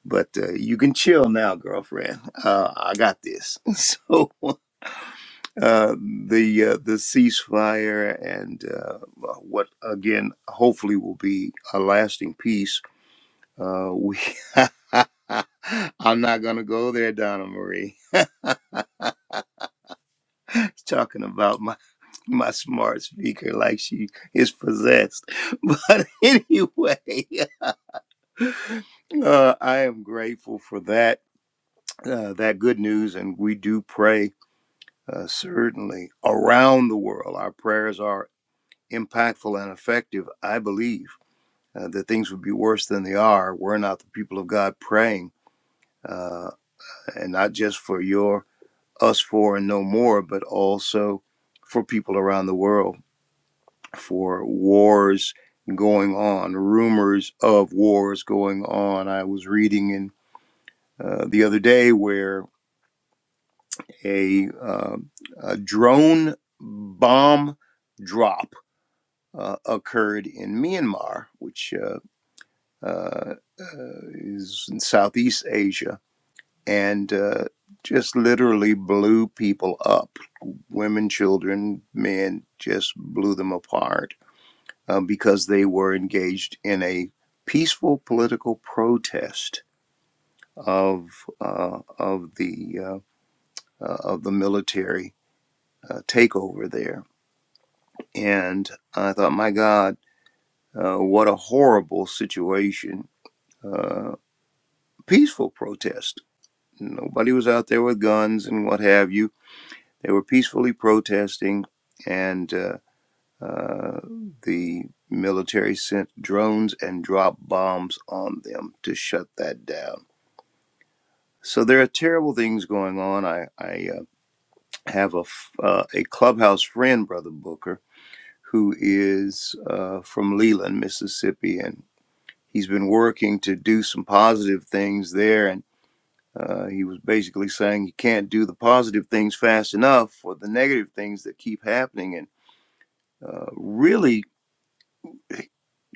S3: But uh, you can chill now, girlfriend. Uh, I got this. So uh, the uh, the ceasefire and uh, what again, hopefully, will be a lasting peace Uh, we. I'm not gonna go there, Donna Marie. Talking about my my smart speaker like she is possessed. But anyway, uh, I am grateful for that uh, that good news, and we do pray uh, certainly around the world. Our prayers are impactful and effective. I believe uh, that things would be worse than they are. were not the people of God praying, uh, and not just for your us for and no more, but also for people around the world, for wars going on, rumors of wars going on. I was reading in uh, the other day where a, um a drone bomb drop uh, occurred in Myanmar, which uh, uh, is in Southeast Asia and uh, just literally blew people up. Women, children, men just blew them apart uh, because they were engaged in a peaceful political protest of uh, of the uh, uh, of the military uh, takeover there. And I thought, my God, uh, what a horrible situation! Uh, peaceful protest. Nobody was out there with guns and what have you They were peacefully protesting, and uh, uh, the military sent drones and dropped bombs on them to shut that down. So there are terrible things going on. I, I uh, have a uh, a clubhouse friend, Brother Booker, who is uh, from Leland, Mississippi, and he's been working to do some positive things there. And uh, he was basically saying you can't do the positive things fast enough for the negative things that keep happening. and Uh, really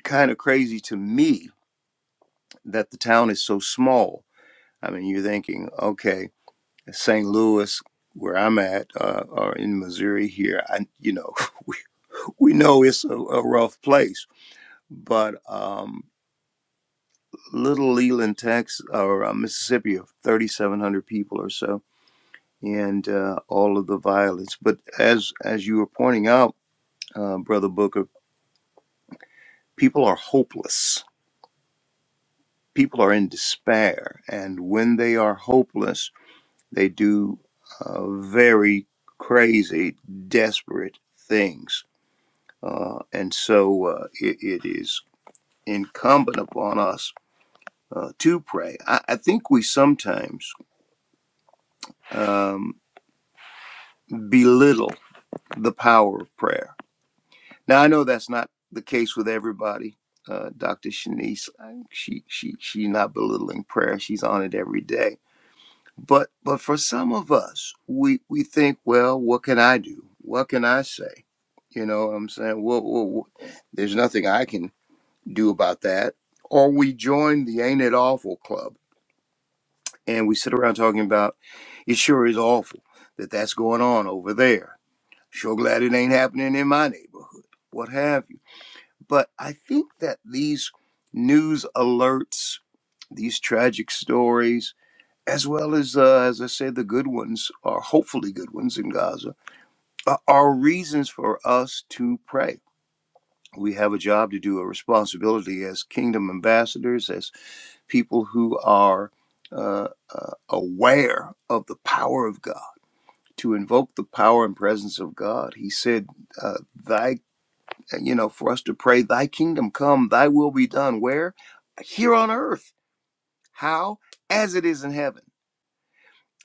S3: kind of crazy to me that the town is so small. I mean, you're thinking, okay, St. Louis, where I'm at, uh, or in Missouri here, I, you know, we know it's a, a rough place, but um, Little Leland, Texas, or uh, Mississippi, of 3,700 people or so, and uh, all of the violence. But as as you were pointing out, uh, Brother Booker, people are hopeless. People are in despair, and when they are hopeless, They do uh, very crazy, desperate things. Uh, and so uh, it, it is incumbent upon us uh, to pray. I, I think we sometimes um, belittle the power of prayer. Now, I know that's not the case with everybody. Uh, Dr. Shanice, she she she's not belittling prayer. She's on it every day But but for some of us, we we think, well, what can I do? What can I say? You know, what I'm saying, well, well, well, there's nothing I can do about that. Or we join the Ain't It Awful Club and we sit around talking about it. Sure is awful that that's going on over there. Sure glad it ain't happening in my neighborhood. What have you? But I think that these news alerts, these tragic stories, as well as uh, as I said, the good ones are hopefully good ones in Gaza are, are reasons for us to pray. We have a job to do, a responsibility as kingdom ambassadors, as people who are uh, uh, aware of the power of God, to invoke the power and presence of God. He said, uh, "Thy, you know, for us to pray, Thy kingdom come, Thy will be done." Where? Here on earth. How? As it is in heaven.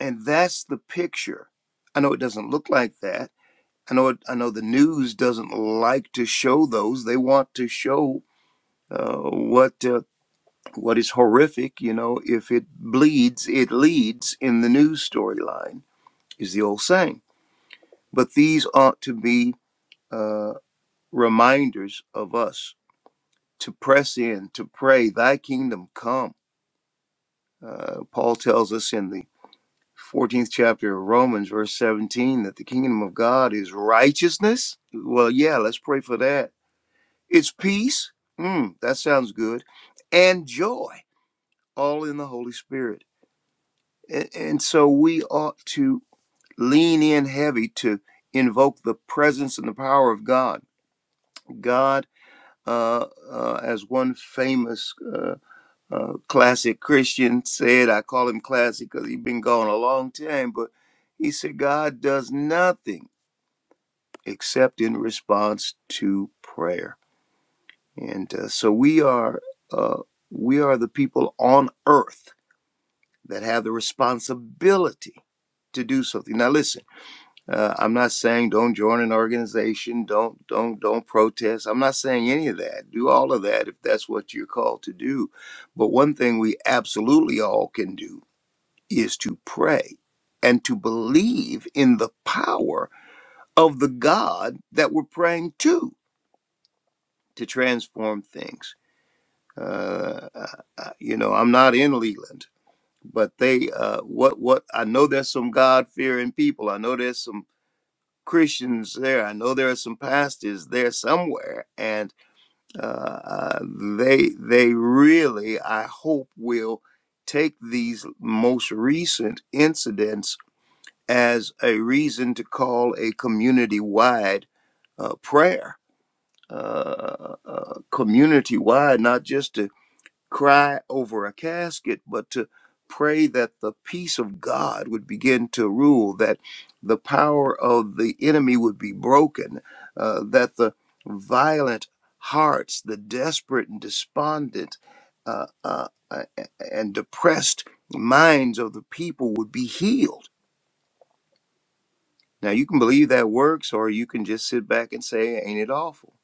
S3: And that's the picture. I know it doesn't look like that. I know it, I know the news doesn't like to show those. They want to show uh, what uh, what is horrific. You know, if it bleeds, it leads in the news storyline is the old saying. But these ought to be uh, reminders of us to press in, to pray, Thy kingdom come. Uh, Paul tells us in the 14th chapter of Romans, verse 17, that the kingdom of God is righteousness. Well, yeah, let's pray for that. It's peace. Mm, that sounds good. And joy, all in the Holy Spirit. And, and so we ought to lean in heavy to invoke the presence and the power of God. God, uh, uh, as one famous. uh, uh, classic Christian said, I call him classic because he's been gone a long time, but he said, God does nothing except in response to prayer. And uh, so we are, uh, we are the people on earth that have the responsibility to do something. Now, listen, uh, I'm not saying don't join an organization, don't, don't, don't protest. I'm not saying any of that. Do all of that if that's what you're called to do. But one thing we absolutely all can do is to pray and to believe in the power of the God that we're praying to to transform things. Uh, uh, uh, you know, I'm not in Leland, but they uh, what what I know there's some God fearing people. I know there's some Christians there. I know there are some pastors there somewhere, and uh, uh, they they really I hope will take these most recent incidents as a reason to call a community wide uh, prayer, uh, uh, community wide, not just to cry over a casket, but to pray that the peace of God would begin to rule, that the power of the enemy would be broken, uh, that the violent hearts, the desperate and despondent uh, uh, uh, and depressed minds of the people would be healed now, you can believe that works, or you can just sit back and say, Ain't it awful?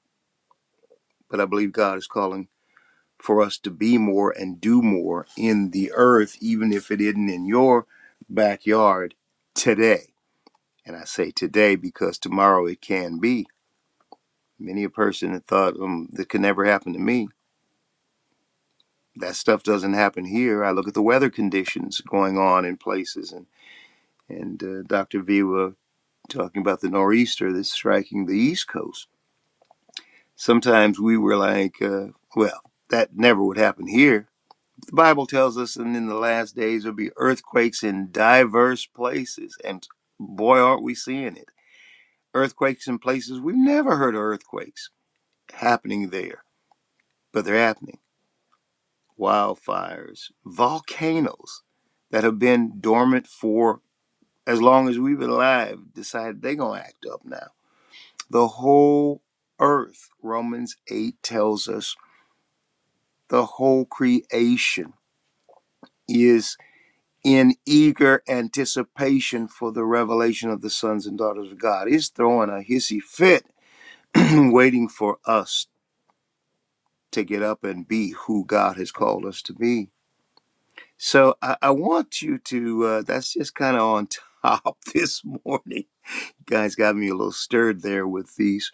S3: But I believe God is calling for us to be more and do more in the earth, even if it isn't in your backyard today. And I say today because tomorrow it can be. Many a person had thought, um, that could never happen to me. That stuff doesn't happen here. I look at the weather conditions going on in places, and, and uh, Dr. Viva talking about the nor'easter that's striking the East Coast sometimes we were like, uh, well, that never would happen here. The Bible tells us, and in the last days there'll be earthquakes in diverse places, and boy, aren't we seeing it. Earthquakes in places we've never heard of earthquakes happening there, but they're happening. Wildfires, volcanoes that have been dormant for as long as we've been alive decide they're going to act up now. The whole earth, Romans 8 tells us, the whole creation is in eager anticipation for the revelation of the sons and daughters of God. He's throwing a hissy fit, waiting for us to get up and be who God has called us to be. So I, I want you to, uh, that's just kind of on top this morning. Guys got me a little stirred there with these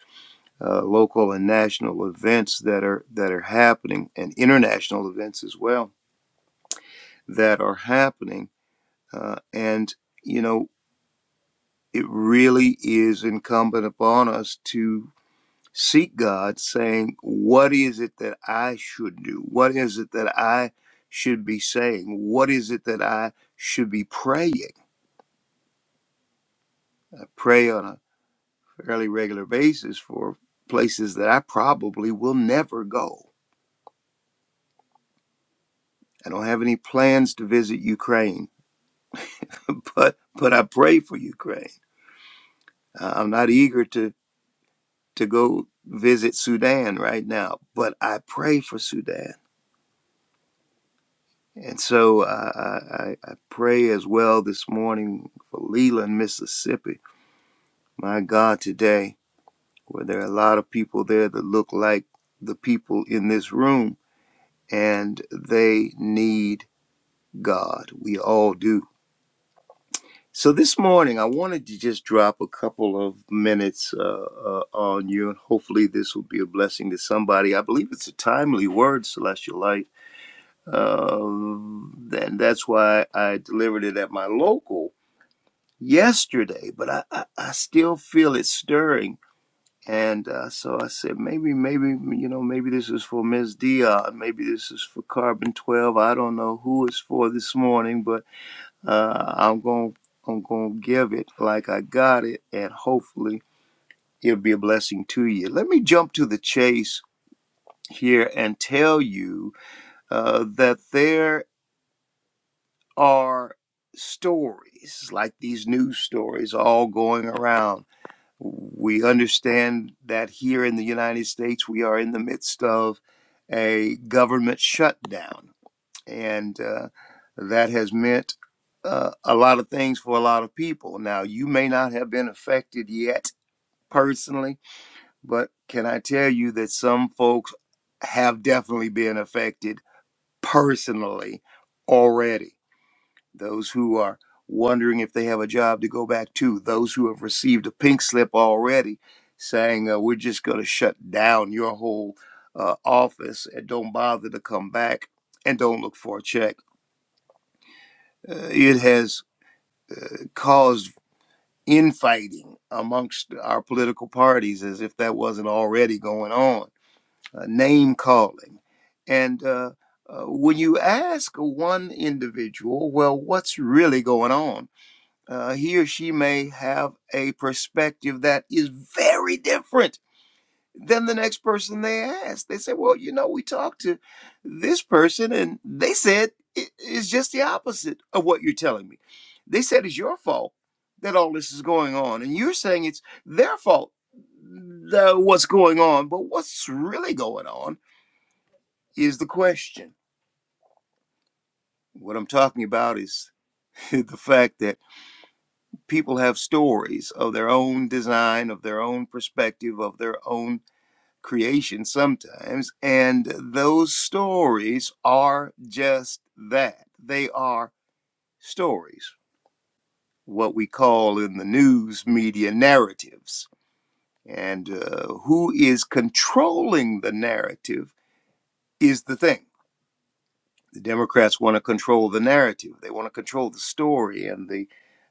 S3: uh, local and national events that are that are happening, and international events as well that are happening. Uh, and you know it really is incumbent upon us to seek God, saying, What is it that I should do? What is it that I should be saying? What is it that I should be praying? I pray on a fairly regular basis for places that I probably will never go. I don't have any plans to visit Ukraine, but but I pray for Ukraine. Uh, I'm not eager to to go visit Sudan right now, but I pray for Sudan. And so uh, I, I I pray as well this morning for Leland, Mississippi. My God, today, where there are a lot of people there that look like the people in this room, and they need God. We all do. So this morning, I wanted to just drop a couple of minutes uh, uh, on you, and hopefully, this will be a blessing to somebody. I believe it's a timely word, Celestial Light. Uh, and that's why I delivered it at my local yesterday, but I, I, I still feel it stirring. And uh, so I said, maybe, maybe, you know, maybe this is for Ms. Dion. Maybe this is for Carbon 12. I don't know who it's for this morning, but uh, I'm going to I'm going to give it like I got it, and hopefully it'll be a blessing to you. Let me jump to the chase here and tell you uh, that there are stories like these news stories all going around We understand that here in the United States, we are in the midst of a government shutdown, and uh, that has meant uh, a lot of things for a lot of people. Now, you may not have been affected yet personally, but can I tell you that some folks have definitely been affected personally already? those who are wondering if they have a job to go back to, those who have received a pink slip already saying, uh, We're just going to shut down your whole uh, office and don't bother to come back and don't look for a check. Uh, it has caused infighting amongst our political parties as if that wasn't already going on, uh, name calling. And uh, uh, when you ask one individual, well, what's really going on? uh, he or she may have a perspective that is very different than the next person they ask. They say, Well, you know, we talked to this person and they said it is just the opposite of what you're telling me. They said it's your fault that all this is going on, and you're saying it's their fault that what's going on. But what's really going on is the question. What I'm talking about is the fact that people have stories of their own design, of their own perspective, of their own creation sometimes. And those stories are just that they are stories, what we call in the news media narratives. And uh, who is controlling the narrative is the thing. the Democrats want to control the narrative. They want to control the story and the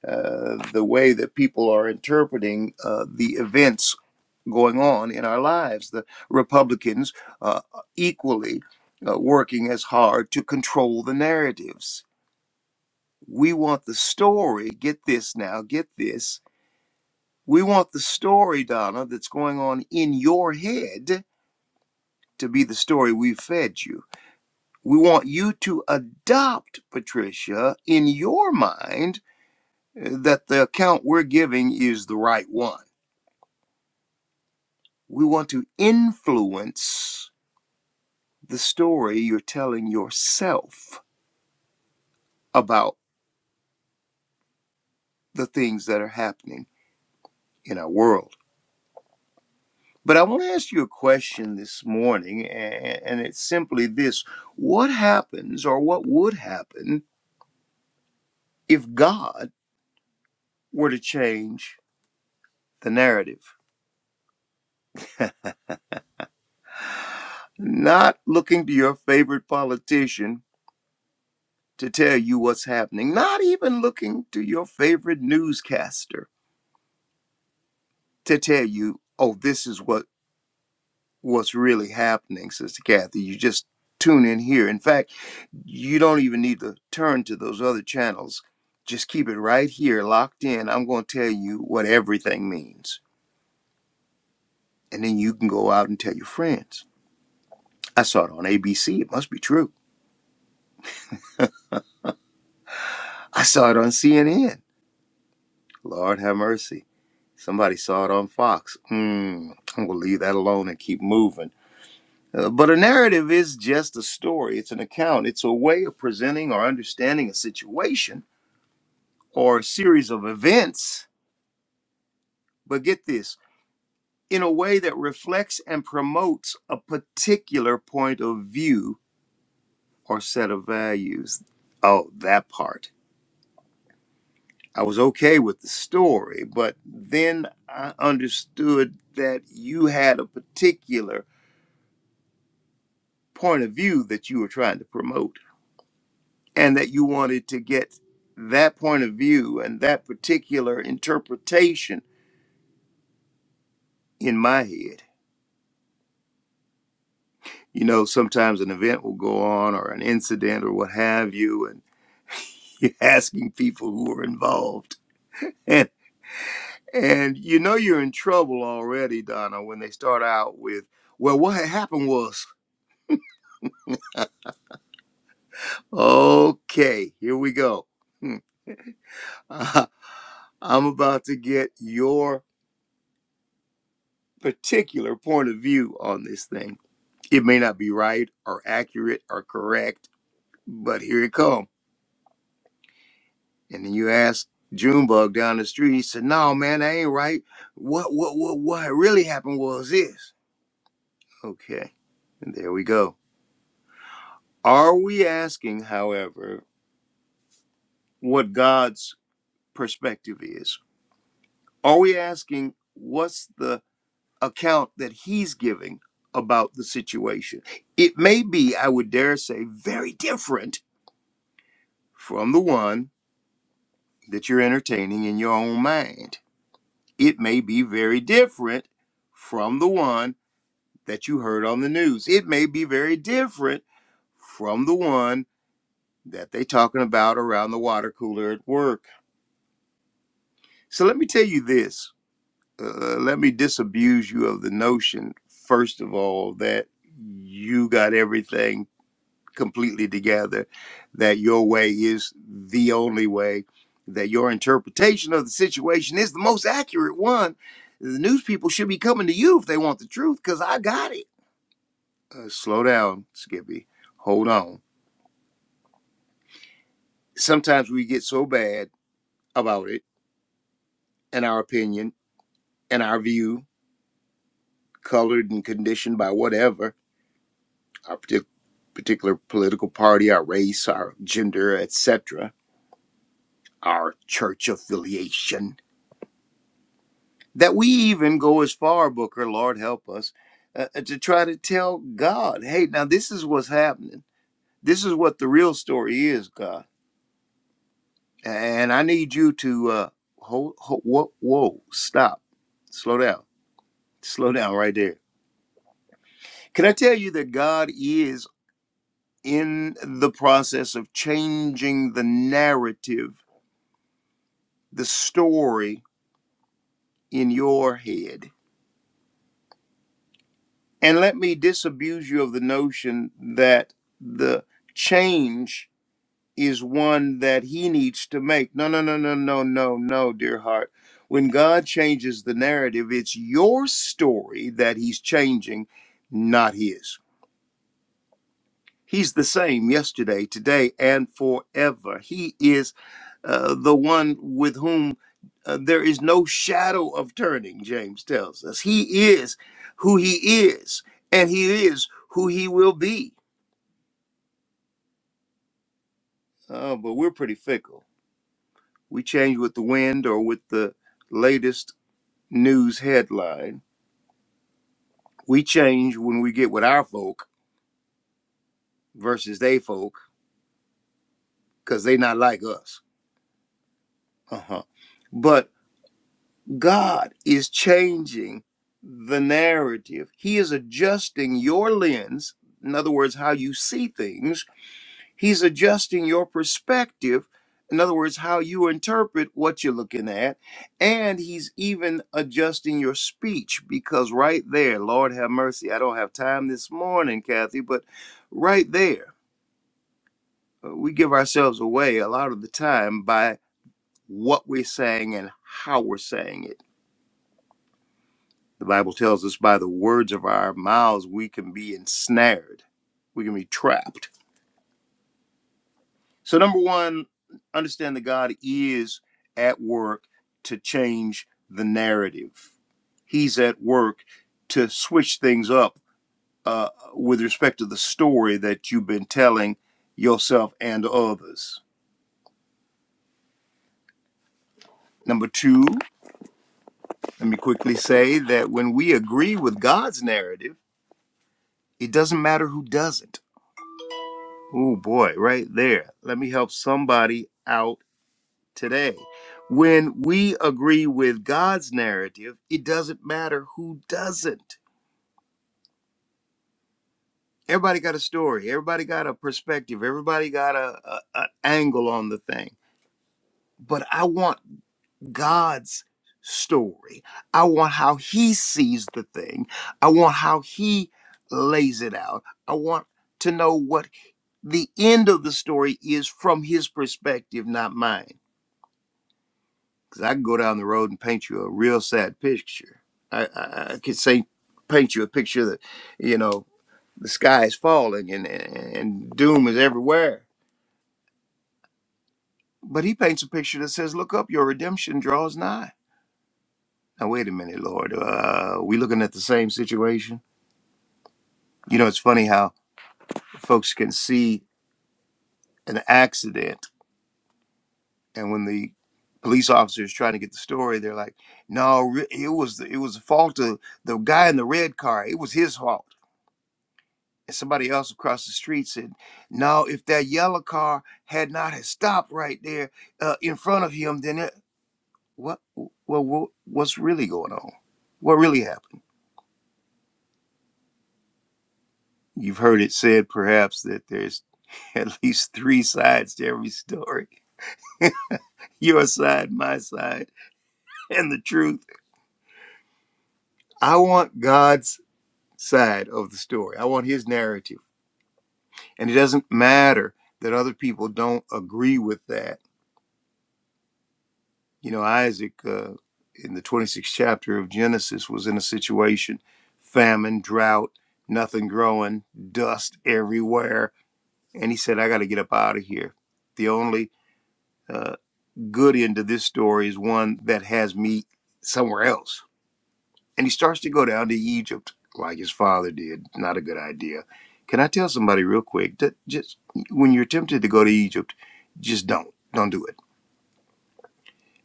S3: uh, the way that people are interpreting uh, the events going on in our lives. The Republicans uh, equally uh, working as hard to control the narratives. We want the story. Get this now. Get this. We want the story, Donna, that's going on in your head to be the story we've fed you. We want you to adopt, Patricia, in your mind uh, that the account we're giving is the right one. We want to influence the story you're telling yourself about the things that are happening in our world. But I want to ask you a question this morning, and it's simply this What happens or what would happen if God were to change the narrative? not looking to your favorite politician to tell you what's happening, not even looking to your favorite newscaster to tell you, oh, this is what what's really happening, Sister Kathy. You just tune in here. In fact, you don't even need to turn to those other channels. Just keep it right here, locked in. I'm going to tell you what everything means. And then you can go out and tell your friends. I saw it on ABC. It must be true. I saw it on CNN. Lord have mercy. Somebody saw it on Fox. Hmm, I'm going to leave that alone and keep moving. Uh, but a narrative is just a story, it's an account, it's a way of presenting or understanding a situation or a series of events. But get this in a way that reflects and promotes a particular point of view or set of values. Oh, that part. I was okay with the story, but then I understood that you had a particular point of view that you were trying to promote and that you wanted to get that point of view and that particular interpretation in my head. You know, sometimes an event will go on or an incident or what have you, and you're asking people who are involved. And and you know you're in trouble already, Donna, when they start out with, well, what had happened was, okay, here we go. Hmm. I'm about to get your particular point of view on this thing. It may not be right or accurate or correct, but here it come. And then you ask Junebug down the street. He said, "No, man, that ain't right. What, what, what, what really happened was this." Okay, and there we go. Are we asking, however, what God's perspective is? Are we asking what's the account that He's giving about the situation? It may be, I would dare say, very different from the one that you're entertaining in your own mind. It may be very different from the one that you heard on the news. It may be very different from the one that they talking about around the water cooler at work. So let me tell you this. Uh, let me disabuse you of the notion, first of all, that you got everything completely together that your way is the only way, that your interpretation of the situation is the most accurate one. The news people should be coming to you if they want the truth because I got it. Uh, slow down, Skippy. Hold on. Sometimes we get so bad about it and our opinion and our view, colored and conditioned by whatever our partic- particular political party, our race, our gender, etc., our church affiliation that we even go as far, Booker, Lord help us, uh, uh, to try to tell God, hey, now this is what's happening. This is what the real story is, God. And I need you to uh, hold, hold whoa, whoa, stop, slow down, slow down right there. Can I tell you that God is in the process of changing the narrative, the story in your head? And let me disabuse you of the notion that the change is one that he needs to make. No, no, no, no, no, no, no, dear heart. When God changes the narrative, it's your story that he's changing, not his. He's the same yesterday, today, and forever. He is uh, the one with whom uh, there is no shadow of turning, James tells us. He is who he is, and he is who he will be. Oh, but we're pretty fickle. We change with the wind or with the latest news headline. We change when we get with our folk versus they folk because they not like us. Uh-huh. But God is changing the narrative. He is adjusting your lens, in other words, how you see things He's adjusting your perspective. In other words, how you interpret what you're looking at. And he's even adjusting your speech because right there, Lord have mercy. I don't have time this morning, Kathy, but right there, uh, we give ourselves away a lot of the time by what we're saying and how we're saying it. The Bible tells us by the words of our mouths, we can be ensnared, we can be trapped So, number one, understand that God is at work to change the narrative. He's at work to switch things up uh, with respect to the story that you've been telling yourself and others. Number two, let me quickly say that when we agree with God's narrative, it doesn't matter who doesn't. Oh boy, right there. Let me help somebody out today. When we agree with God's narrative, it doesn't matter who doesn't. Everybody got a story, everybody got a perspective, everybody got a, a, a angle on the thing. But I want God's story. I want how he sees the thing. I want how he lays it out. I want to know what the end of the story is from his perspective, not mine. Cause I can go down the road and paint you a real sad picture. I, I, I could say, paint you a picture that, you know, the sky is falling and, and, and doom is everywhere. But he paints a picture that says, look up, your redemption draws nigh. Now, wait a minute, Lord. Uh, are we looking at the same situation? You know, it's funny how folks can see an accident and when the police officer is trying to get the story, they're like, no, re- it was the, it was the fault of the guy in the red car. It was his fault and somebody else across the street said, "No, if that yellow car had not had stopped right there uh, in front of him, then it, what, well, what, what's really going on? What really happened?" You've heard it said perhaps that there's at least three sides to every story: your side, my side, and the truth. I want God's side of the story. I want His narrative, and it doesn't matter that other people don't agree with that You know, Isaac uh, in the 26th chapter of Genesis was in a situation famine, drought, nothing growing, dust everywhere. And he said, I got to get up out of here. The only uh, good end to this story is one that has me somewhere else. And he starts to go down to Egypt like his father did. Not a good idea. Can I tell somebody real quick that just when you're tempted to go to Egypt, just don't. Don't do it.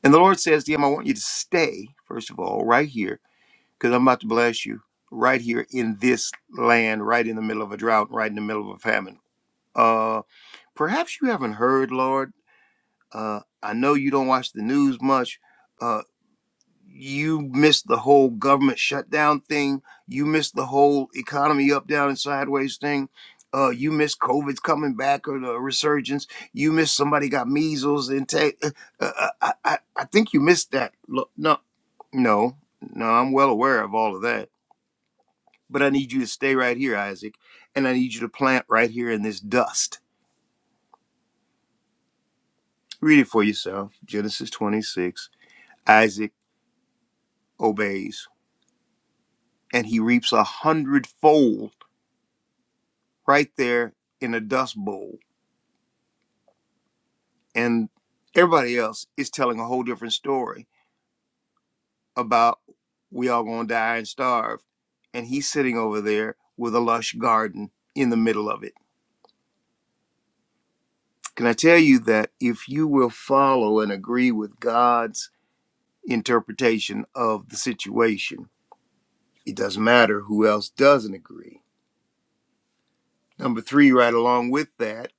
S3: And the Lord says to him, I want you to stay, first of all, right here because I'm about to bless you right here in this land, right in the middle of a drought, right in the middle of a famine. Uh, perhaps you haven't heard, Lord. Uh, I know you don't watch the news much. Uh, you missed the whole government shutdown thing. You missed the whole economy up, down, and sideways thing. Uh, you missed COVID's coming back or the resurgence. You missed somebody got measles and ta- uh, uh, uh, I, I, I think you missed that. Look, no, no, no. I'm well aware of all of that but I need you to stay right here, Isaac, and I need you to plant right here in this dust. Read it for yourself. Genesis 26. Isaac obeys, and he reaps a hundredfold right there in a dust bowl. And everybody else is telling a whole different story about we all gonna die and starve. And he's sitting over there with a lush garden in the middle of it. Can I tell you that if you will follow and agree with God's interpretation of the situation. It doesn't matter who else doesn't agree. Number three, right along with that,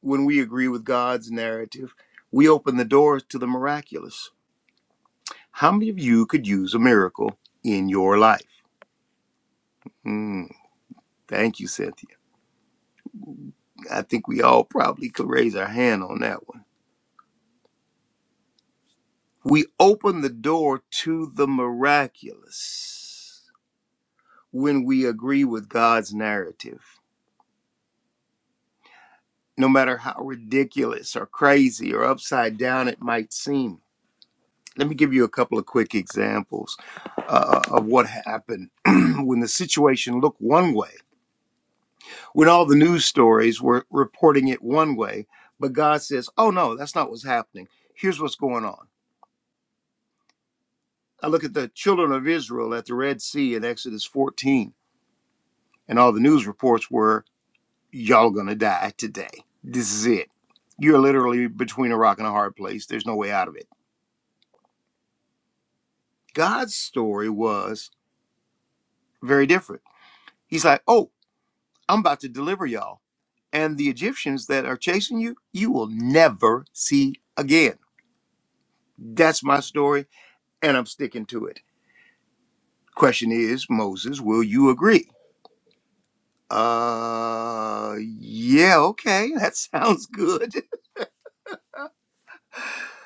S3: when we agree with God's narrative, we open the doors to the miraculous. How many of you could use a miracle in your life? Hmm. thank you, Cynthia. I think we all probably could raise our hand on that one. We open the door to the miraculous when we agree with God's narrative. no matter how ridiculous or crazy or upside down it might seem. Let me give you a couple of quick examples uh, of what happened when the situation looked one way, when all the news stories were reporting it one way, but God says, oh no, that's not what's happening. Here's what's going on. I look at the children of Israel at the Red Sea in Exodus 14, and all the news reports were, y'all gonna die today. This is it. You're literally between a rock and a hard place. There's no way out of it God's story was very different. He's like, Oh, I'm about to deliver y'all. And the Egyptians that are chasing you, you will never see again. That's my story, and I'm sticking to it. Question is, Moses, will you agree? Uh, yeah, okay, that sounds good.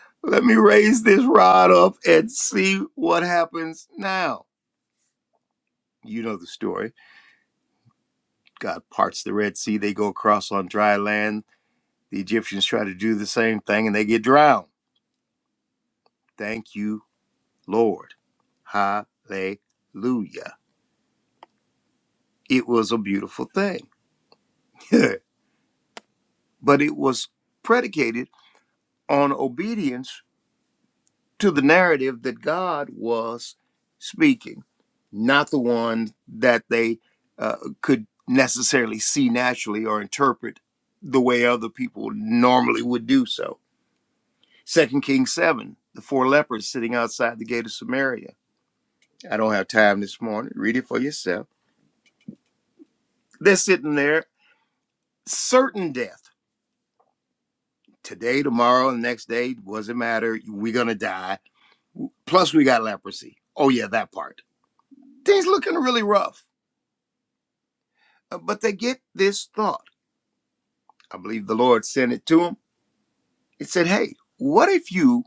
S3: Let me raise this rod up and see what happens now. You know the story. God parts the Red Sea, they go across on dry land The Egyptians try to do the same thing and they get drowned. Thank you, Lord. Hallelujah. It was a beautiful thing. but it was predicated on obedience to the narrative that God was speaking, not the one that they uh, could necessarily see naturally or interpret the way other people normally would do so. Second Kings 7, the four lepers sitting outside the gate of Samaria I don't have time this morning. Read it for yourself. They're sitting there, certain death. Today, tomorrow, the next day, doesn't matter. We're going to die. Plus, we got leprosy. Oh, yeah, that part. Things looking really rough. Uh, But they get this thought. I believe the Lord sent it to them. It said, Hey, what if you,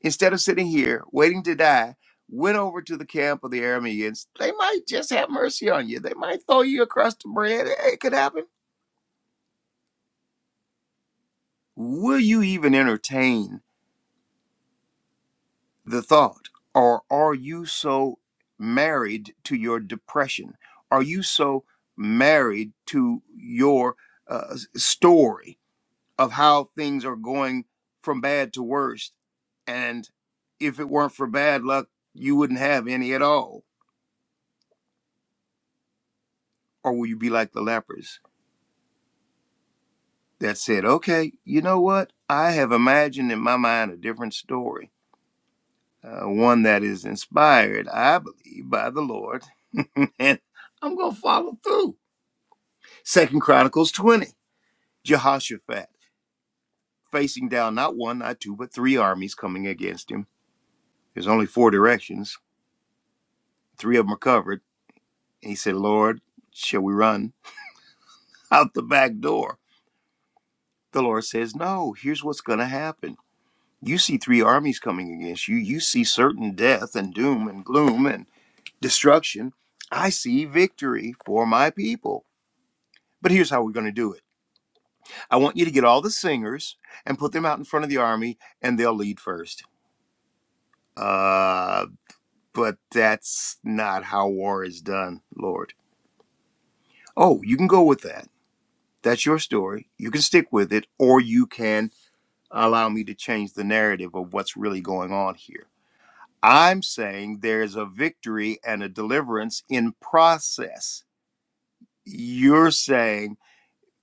S3: instead of sitting here waiting to die, went over to the camp of the Arameans? They might just have mercy on you. They might throw you across the bread. Hey, It could happen. Will you even entertain? the thought? Or are you so married to your depression? Are you so married to your uh, story of how things are going from bad to worst? And if it weren't for bad luck, you wouldn't have any at all. Or will you be like the lepers that said, okay, you know what? I have imagined in my mind a different story uh, one that is inspired, I believe, by the Lord. and I'm going to follow through. Second Chronicles 20, Jehoshaphat facing down not one, not two, but three armies coming against him. There's only four directions, three of them are covered. And he said, Lord, shall we run out the back door? The Lord says, No, here's what's going to happen. You see three armies coming against you. You see certain death and doom and gloom and destruction. I see victory for my people But here's how we're going to do it. I want you to get all the singers and put them out in front of the army, and they'll lead first. Uh, but that's not how war is done, Lord. Oh, you can go with that. That's your story. You can stick with it, or you can allow me to change the narrative of what's really going on here. I'm saying there's a victory and a deliverance in process. You're saying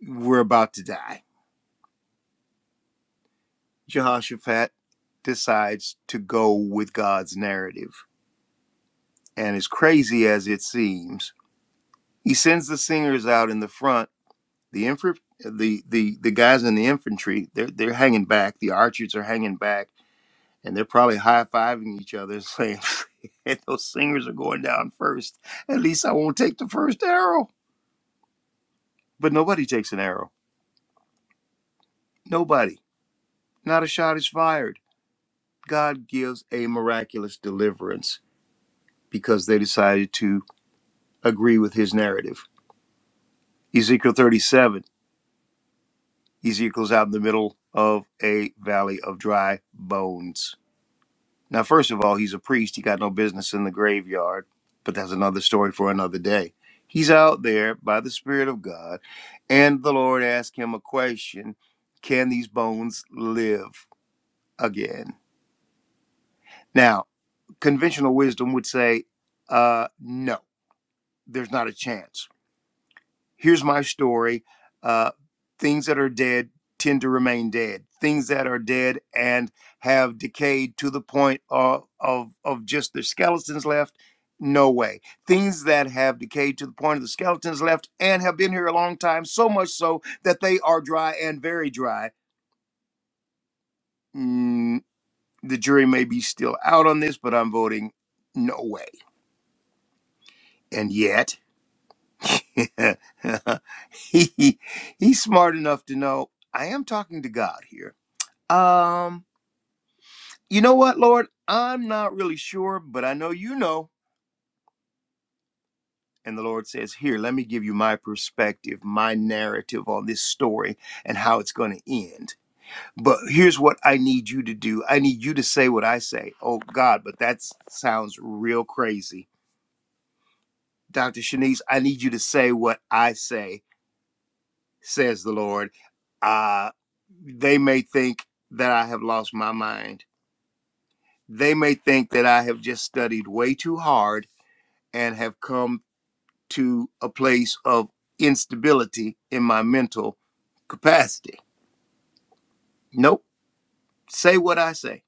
S3: we're about to die. Jehoshaphat decides to go with God's narrative. And as crazy as it seems, he sends the singers out in the front. The inf- the, the the guys in the infantry, they're they're hanging back. The archers are hanging back, and they're probably high fiving each other, and saying, "If "Those singers are going down first. At least I won't take the first arrow." But nobody takes an arrow. Nobody. Not a shot is fired. God gives a miraculous deliverance because they decided to agree with his narrative. Ezekiel 37, Ezekiel's out in the middle of a valley of dry bones. Now, first of all, he's a priest. He got no business in the graveyard, but that's another story for another day. He's out there by the Spirit of God, and the Lord asked him a question Can these bones live again? Now, conventional wisdom would say, uh, No, there's not a chance here's my story. Uh, things that are dead tend to remain dead. Things that are dead and have decayed to the point of, of, of just the skeletons left, no way. Things that have decayed to the point of the skeletons left and have been here a long time, so much so that they are dry and very dry. Mm, the jury may be still out on this, but I'm voting no way. And yet, he he's smart enough to know I am talking to God here. Um, you know what, Lord? I'm not really sure, but I know you know. And the Lord says, Here, let me give you my perspective, my narrative on this story and how it's going to end. But here's what I need you to do I need you to say what I say. Oh, God, but that sounds real crazy. Dr. Shanice, I need you to say what I say says the Lord. Uh, they may think that I have lost my mind. They may think that I have just studied way too hard and have come to a place of instability in my mental capacity. Nope. Say what I say.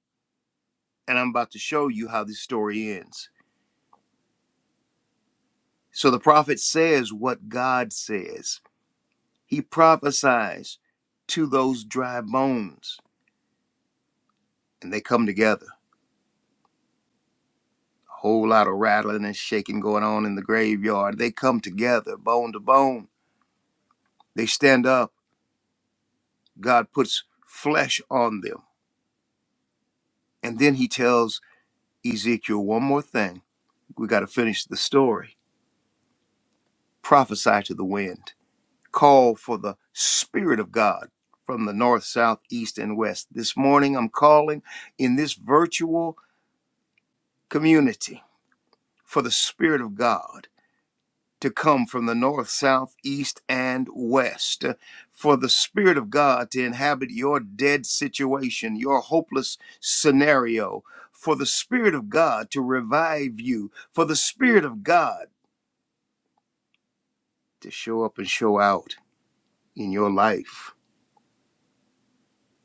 S3: And I'm about to show you how this story ends. So the prophet says what God says, he prophesies to those dry bones, and they come together. A whole lot of rattling and shaking going on in the graveyard. They come together, bone to bone. They stand up. God puts flesh on them. And then he tells Ezekiel one more thing. We got to finish the story. Prophesy to the wind. Call for the Spirit of God from the north, south, east, and west. This morning, I'm calling in this virtual community for the Spirit of God to come from the north, south, east, and west. uh, For the Spirit of God to inhabit your dead situation, your hopeless scenario. For the Spirit of God to revive you. For the Spirit of God to show up and show out in your life.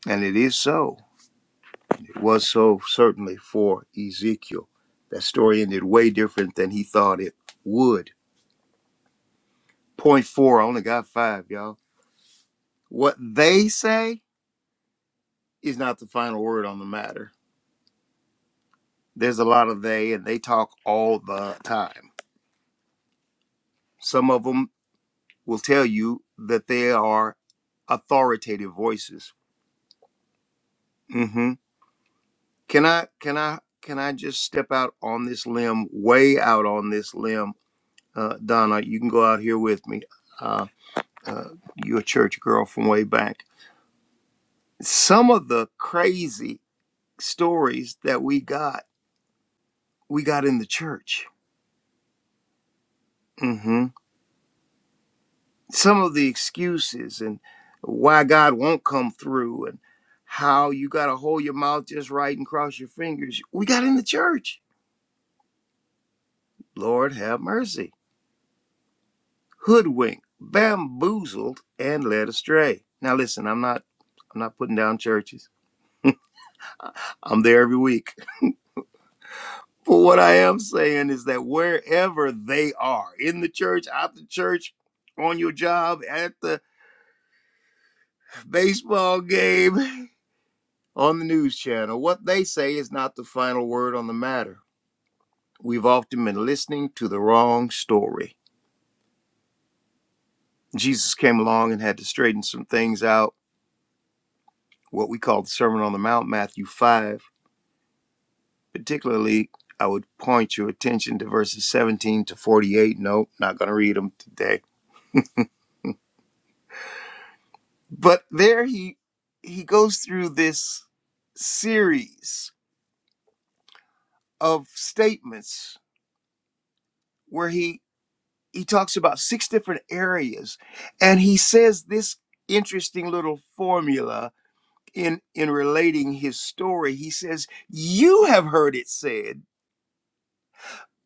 S3: And it is so. It was so, certainly, for Ezekiel. That story ended way different than he thought it would. Point four, I only got five, y'all. What they say is not the final word on the matter there's a lot of they and they talk all the time. Some of them will tell you that they are authoritative voices. hmm Can I can I can I just step out on this limb, way out on this limb, uh, Donna? You can go out here with me. Uh, uh, you're a church girl from way back. Some of the crazy stories that we got, we got in the church. Mm-hmm. some of the excuses and why God won't come through and how you got to hold your mouth just right and cross your fingers. We got in the church. Lord have mercy. Hoodwinked, bamboozled, and led astray. Now listen, I'm not I'm not putting down churches. I'm there every week. But what I am saying is that wherever they are, in the church, out the church, on your job, at the baseball game, on the news channel, what they say is not the final word on the matter. We've often been listening to the wrong story. Jesus came along and had to straighten some things out, what we call the Sermon on the Mount, Matthew 5. Particularly, I would point your attention to verses 17 to 48. No, not going to read them today. But there he he goes through this series of statements where he he talks about six different areas and he says this interesting little formula in in relating his story he says you have heard it said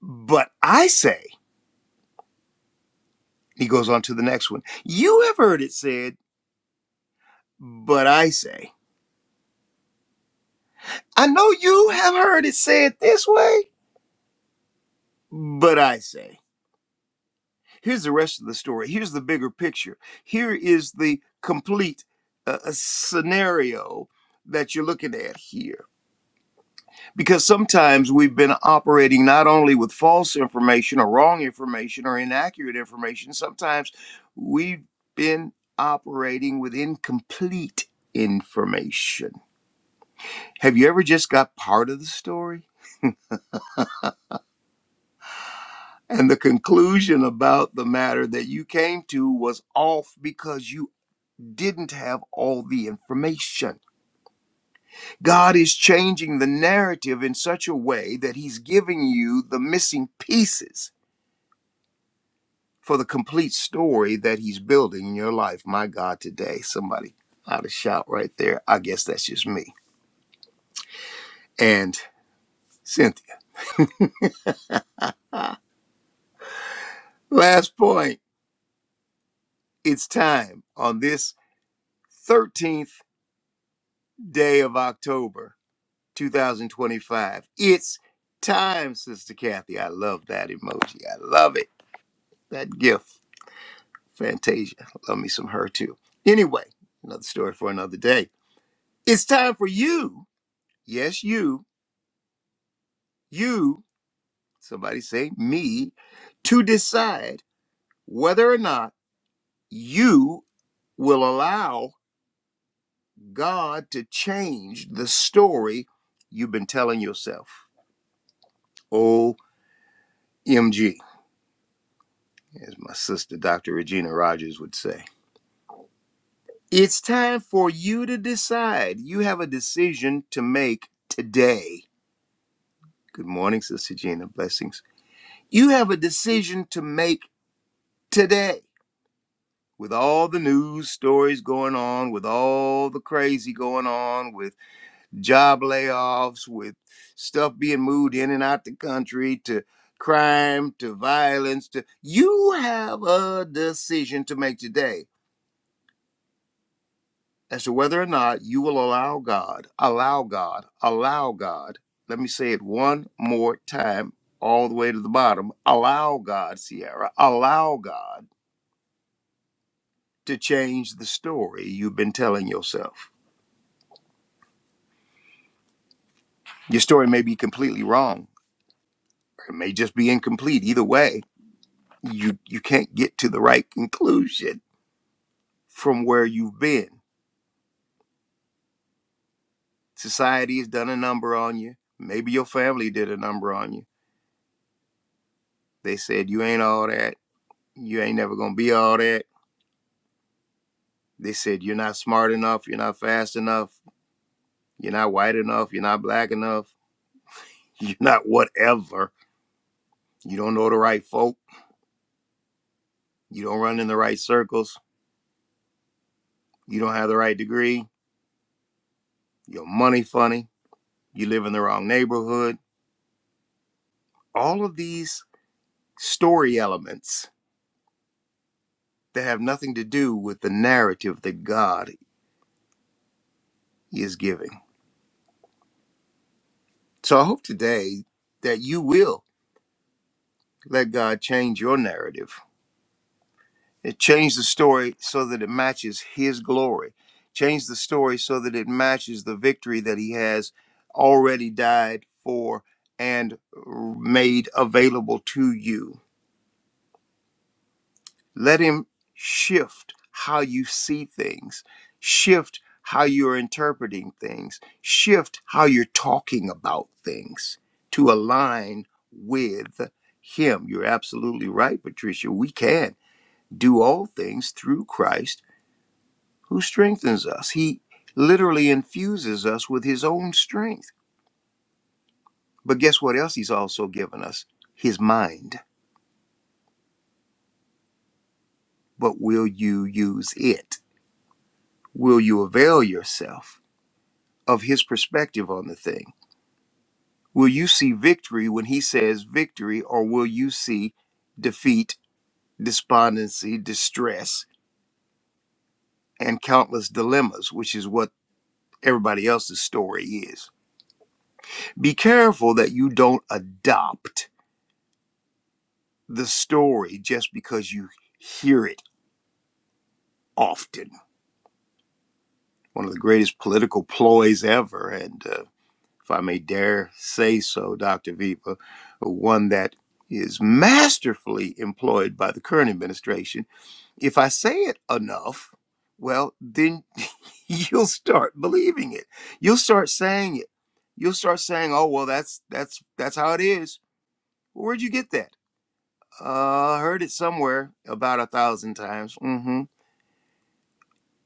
S3: but i say he goes on to the next one you have heard it said but i say i know you have heard it said this way but i say here's the rest of the story here's the bigger picture here is the complete uh, uh, scenario that you're looking at here because sometimes we've been operating not only with false information or wrong information or inaccurate information, sometimes we've been operating with incomplete information. Have you ever just got part of the story? And the conclusion about the matter that you came to was off because you didn't have all the information. God is changing the narrative in such a way that He's giving you the missing pieces for the complete story that he's building in your life. My God, today, somebody ought to shout right there. I guess that's just me. And Cynthia, last point. It's time on this 13th day of October, 2025. It's time, Sister Kathy. I love that emoji. I love it. That gift, Fantasia. Love me some her too. Anyway, another story for another day. It's time for you. Yes, you. You somebody say me, to decide whether or not you will allow God to change the story you've been telling yourself. OMG, as my sister Dr. Regina Rogers would say. It's time for you to decide. You have a decision to make today. Good morning, Sister Gina. Blessings. You have a decision to make today. with all the news stories going on, with all the crazy going on, with job layoffs, with stuff being moved in and out the country, to crime, to violence, to you have a decision to make today as to whether or not you will allow God, allow God, allow God. Let me say it one more time, all the way to the bottom. Allow God, Sierra, allow God to change the story you've been telling yourself Your story may be completely wrong, or it may just be incomplete. Either way, you you can't get to the right conclusion from where you've been. Society has done a number on you. Maybe your family did a number on you. They said you ain't all that. You ain't never gonna be all that. They said you're not smart enough. You're not fast enough. You're not white enough. You're not black enough. You're not whatever. You don't know the right folk. You don't run in the right circles. You don't have the right degree. Your money funny you live in the wrong neighborhood. All of these story elements that have nothing to do with the narrative that God is giving. So I hope today that you will let God change your narrative and change the story so that it matches His glory. Change the story so that it matches the victory that He has already died for and made available to you Let Him shift how you see things, shift how you're interpreting things, shift how you're talking about things to align with Him. You're absolutely right, Patricia. We can do all things through Christ who strengthens us. He literally infuses us with His own strength. But guess what else He's also given us? His mind. But will you use it? Will you avail yourself? of his perspective on the thing. Will you see victory when he says victory, or will you see defeat, despondency, distress, and countless dilemmas, which is what everybody else's story is? Be careful that you don't adopt the story just because you hear it often. One of the greatest political ploys ever, and uh, if I may dare say so, Dr. Viva, one that is masterfully employed by the current administration. If I say it enough, well, then you'll start believing it. You'll start saying it. You'll start saying, "Oh, well, that's that's that's how it is." Where'd you get that? Uh, I heard it somewhere about a thousand times. Mm-hmm.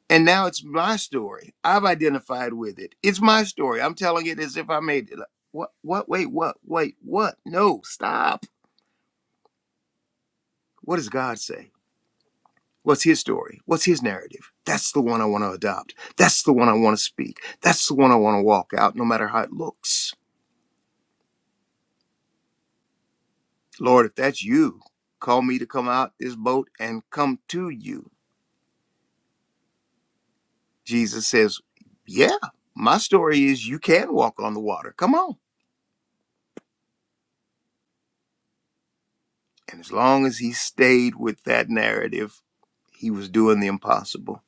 S3: And now it's my story. I've identified with it. It's my story. I'm telling it as if I made it. Like, What? What? Wait, what? Wait, what? No, stop. What does God say? What's his story? What's his narrative? That's the one I want to adopt. That's the one I want to speak. That's the one I want to walk out, no matter how it looks. Lord, if that's you, call me to come out this boat and come to you. Jesus says, Yeah, my story is you can walk on the water. Come on. And as long as he stayed with that narrative, he was doing the impossible.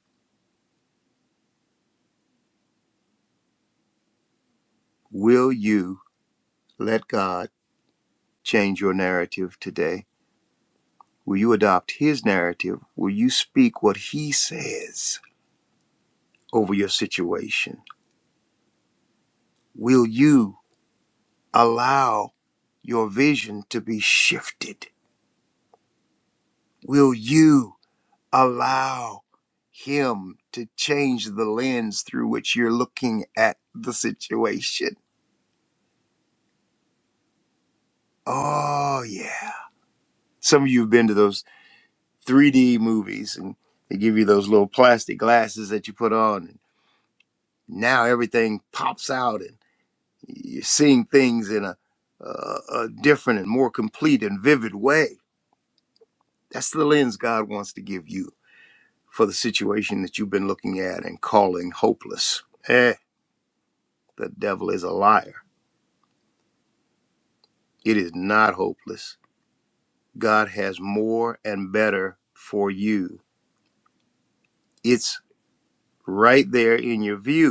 S3: Will you let God change your narrative today? Will you adopt his narrative? Will you speak what he says over your situation? Will you allow your vision to be shifted? Will you allow him to change the lens through which you're looking at the situation? Oh, yeah. Some of you have been to those 3D movies, and they give you those little plastic glasses that you put on, and now everything pops out, and you're seeing things in a, a, a different and more complete and vivid way. That's the lens God wants to give you for the situation that you've been looking at and calling hopeless. Eh, the devil is a liar. It is not hopeless. God has more and better for you. It's right there in your view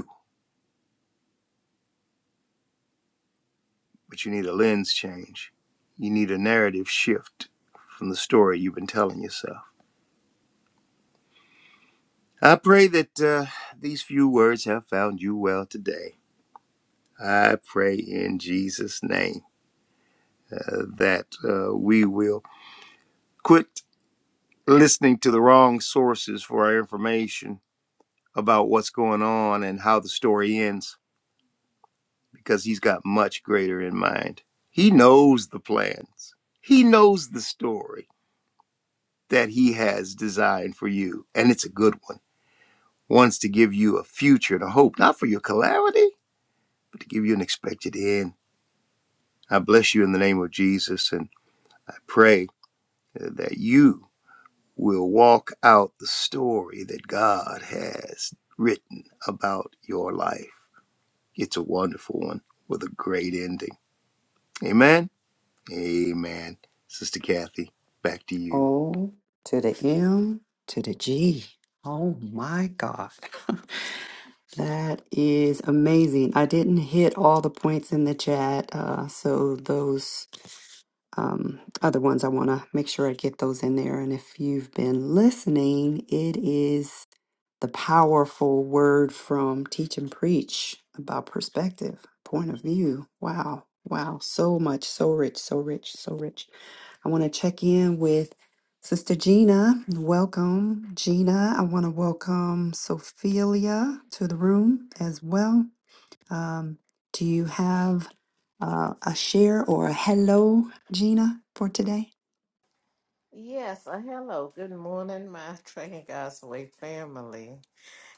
S3: but you need a lens change. You need a narrative shift from the story you've been telling yourself. I pray that uh, these few words have found you well today. I pray in Jesus' name uh, that uh, we will quit listening to the wrong sources for our information about what's going on and how the story ends, because He's got much greater in mind. He knows the plans, He knows the story. that he has designed for you, and it's a good one. Wants to give you a future and a hope, not for your calamity, but to give you an expected end. I bless you in the name of Jesus, and I pray uh, that you will walk out the story that God has written about your life. It's a wonderful one with a great ending. Amen. Amen. Sister Kathy, back to you.
S1: O to the M to the G. Oh my God. That is amazing. I didn't hit all the points in the chat, uh, so those um, other ones I want to make sure I get those in there. And if you've been listening, it is the powerful word from Teach and Preach about perspective, point of view. Wow, wow, so much, so rich, so rich, so rich. I want to check in with Sister Gina. Welcome, Gina. I want to welcome Sophelia to the room as well. Um, do you have uh, a share or a hello, Gina, for today?
S5: Yes, uh, hello. Good morning, my Trucking God's Way family.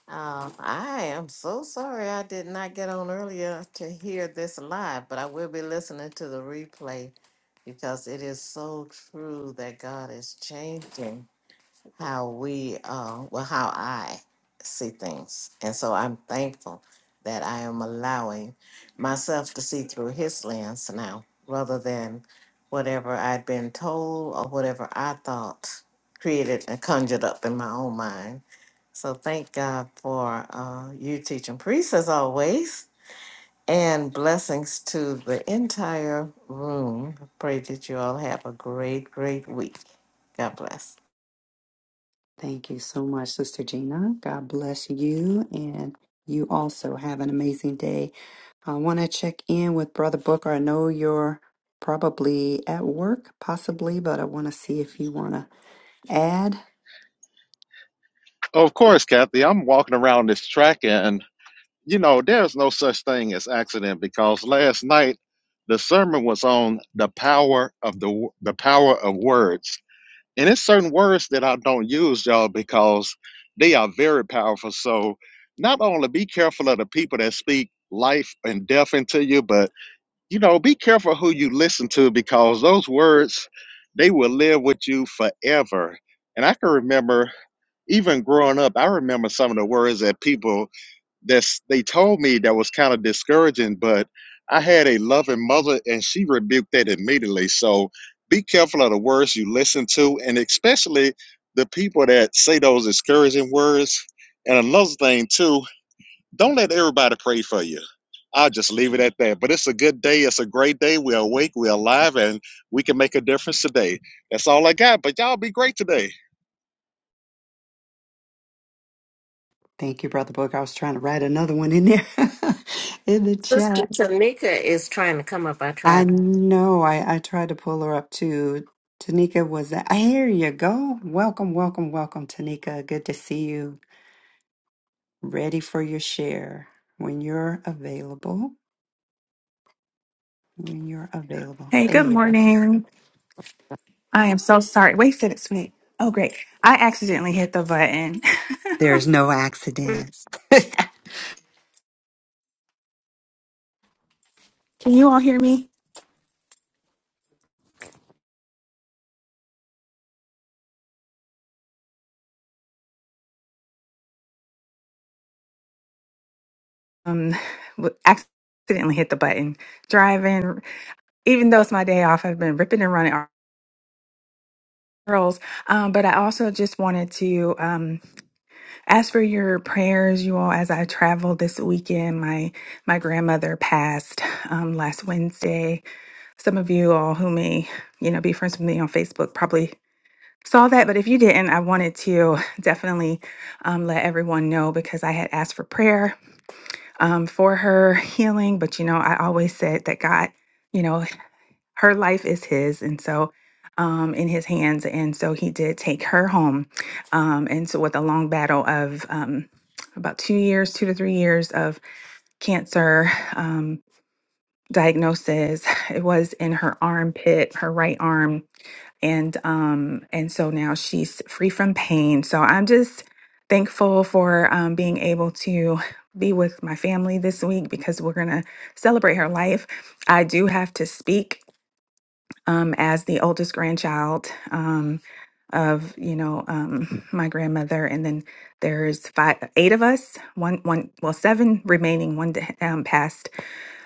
S5: Um, I am so sorry I did not get on earlier to hear this live, but I will be listening to the replay because it is so true that God is changing how we, uh, well, how I see things. And so I'm thankful that I am allowing myself to see through his lens now rather than whatever I'd been told or whatever I thought created and conjured up in my own mind. So thank God for uh, you teaching priests as always. And blessings to the entire room. Pray that you all have a great, great week. God bless.
S1: Thank you so much, Sister Gina. God bless you, and you also have an amazing day. I want to check in with Brother Booker. I know you're probably at work, possibly, but I want to see if you want to add.
S2: of course, Kathy, I'm walking around this track and you know, there's no such thing as accident because last night the sermon was on the power of the the power of words And it's certain words that I don't use, y'all, because they are very powerful. So not only be careful of the people that speak life and death into you, but you know, be careful who you listen to because those words they will live with you forever. And I can remember even growing up, I remember some of the words that people that's they told me that was kind of discouraging, but I had a loving mother and she rebuked that immediately. So be careful of the words you listen to and especially the people that say those discouraging words. And another thing too, don't let everybody pray for you. I'll just leave it at that. But it's a good day. It's a great day. We're awake. We're alive and we can make a difference today. That's all I got. But y'all be great today.
S1: Thank you, Brother Booker. I was trying to write another one in there in the
S5: Sister
S1: chat.
S5: Tanika is trying to come up. I
S1: I
S5: tried.
S1: know. I, I tried to pull her up too. Tanika was that. Here you go. Welcome, welcome, welcome, Tanika. Good to see you. ready for your share when you're available. When you're available.
S6: Hey,
S1: There
S6: good
S1: you go.
S6: morning. I am so sorry. Wait, a minute, wait. Oh, great. I accidentally hit the button.
S1: There's no accidents.
S6: Can you all hear me? Um, w- accidentally hit the button. Driving, even though it's my day off, I've been ripping and running our girls. Um, but I also just wanted to um ask for your prayers, you all, as I travel this weekend. My my grandmother passed um last Wednesday. Some of you all who may, you know, be friends with me on Facebook probably saw that, but if you didn't, I wanted to definitely um, let everyone know because I had asked for prayer um, for her healing. But you know, I always said that God, you know, her life is His, and so um, in His hands, and so He did take her home, um, and so with a long battle of um, about two years, two to three years of cancer. Um, diagnosis it was in her armpit her right arm and um and so now she's free from pain so i'm just thankful for um, being able to be with my family this week because we're going to celebrate her life i do have to speak um, as the oldest grandchild um, of you know um, my grandmother, and then there's five, eight of us. One, one, well, seven remaining. One um, passed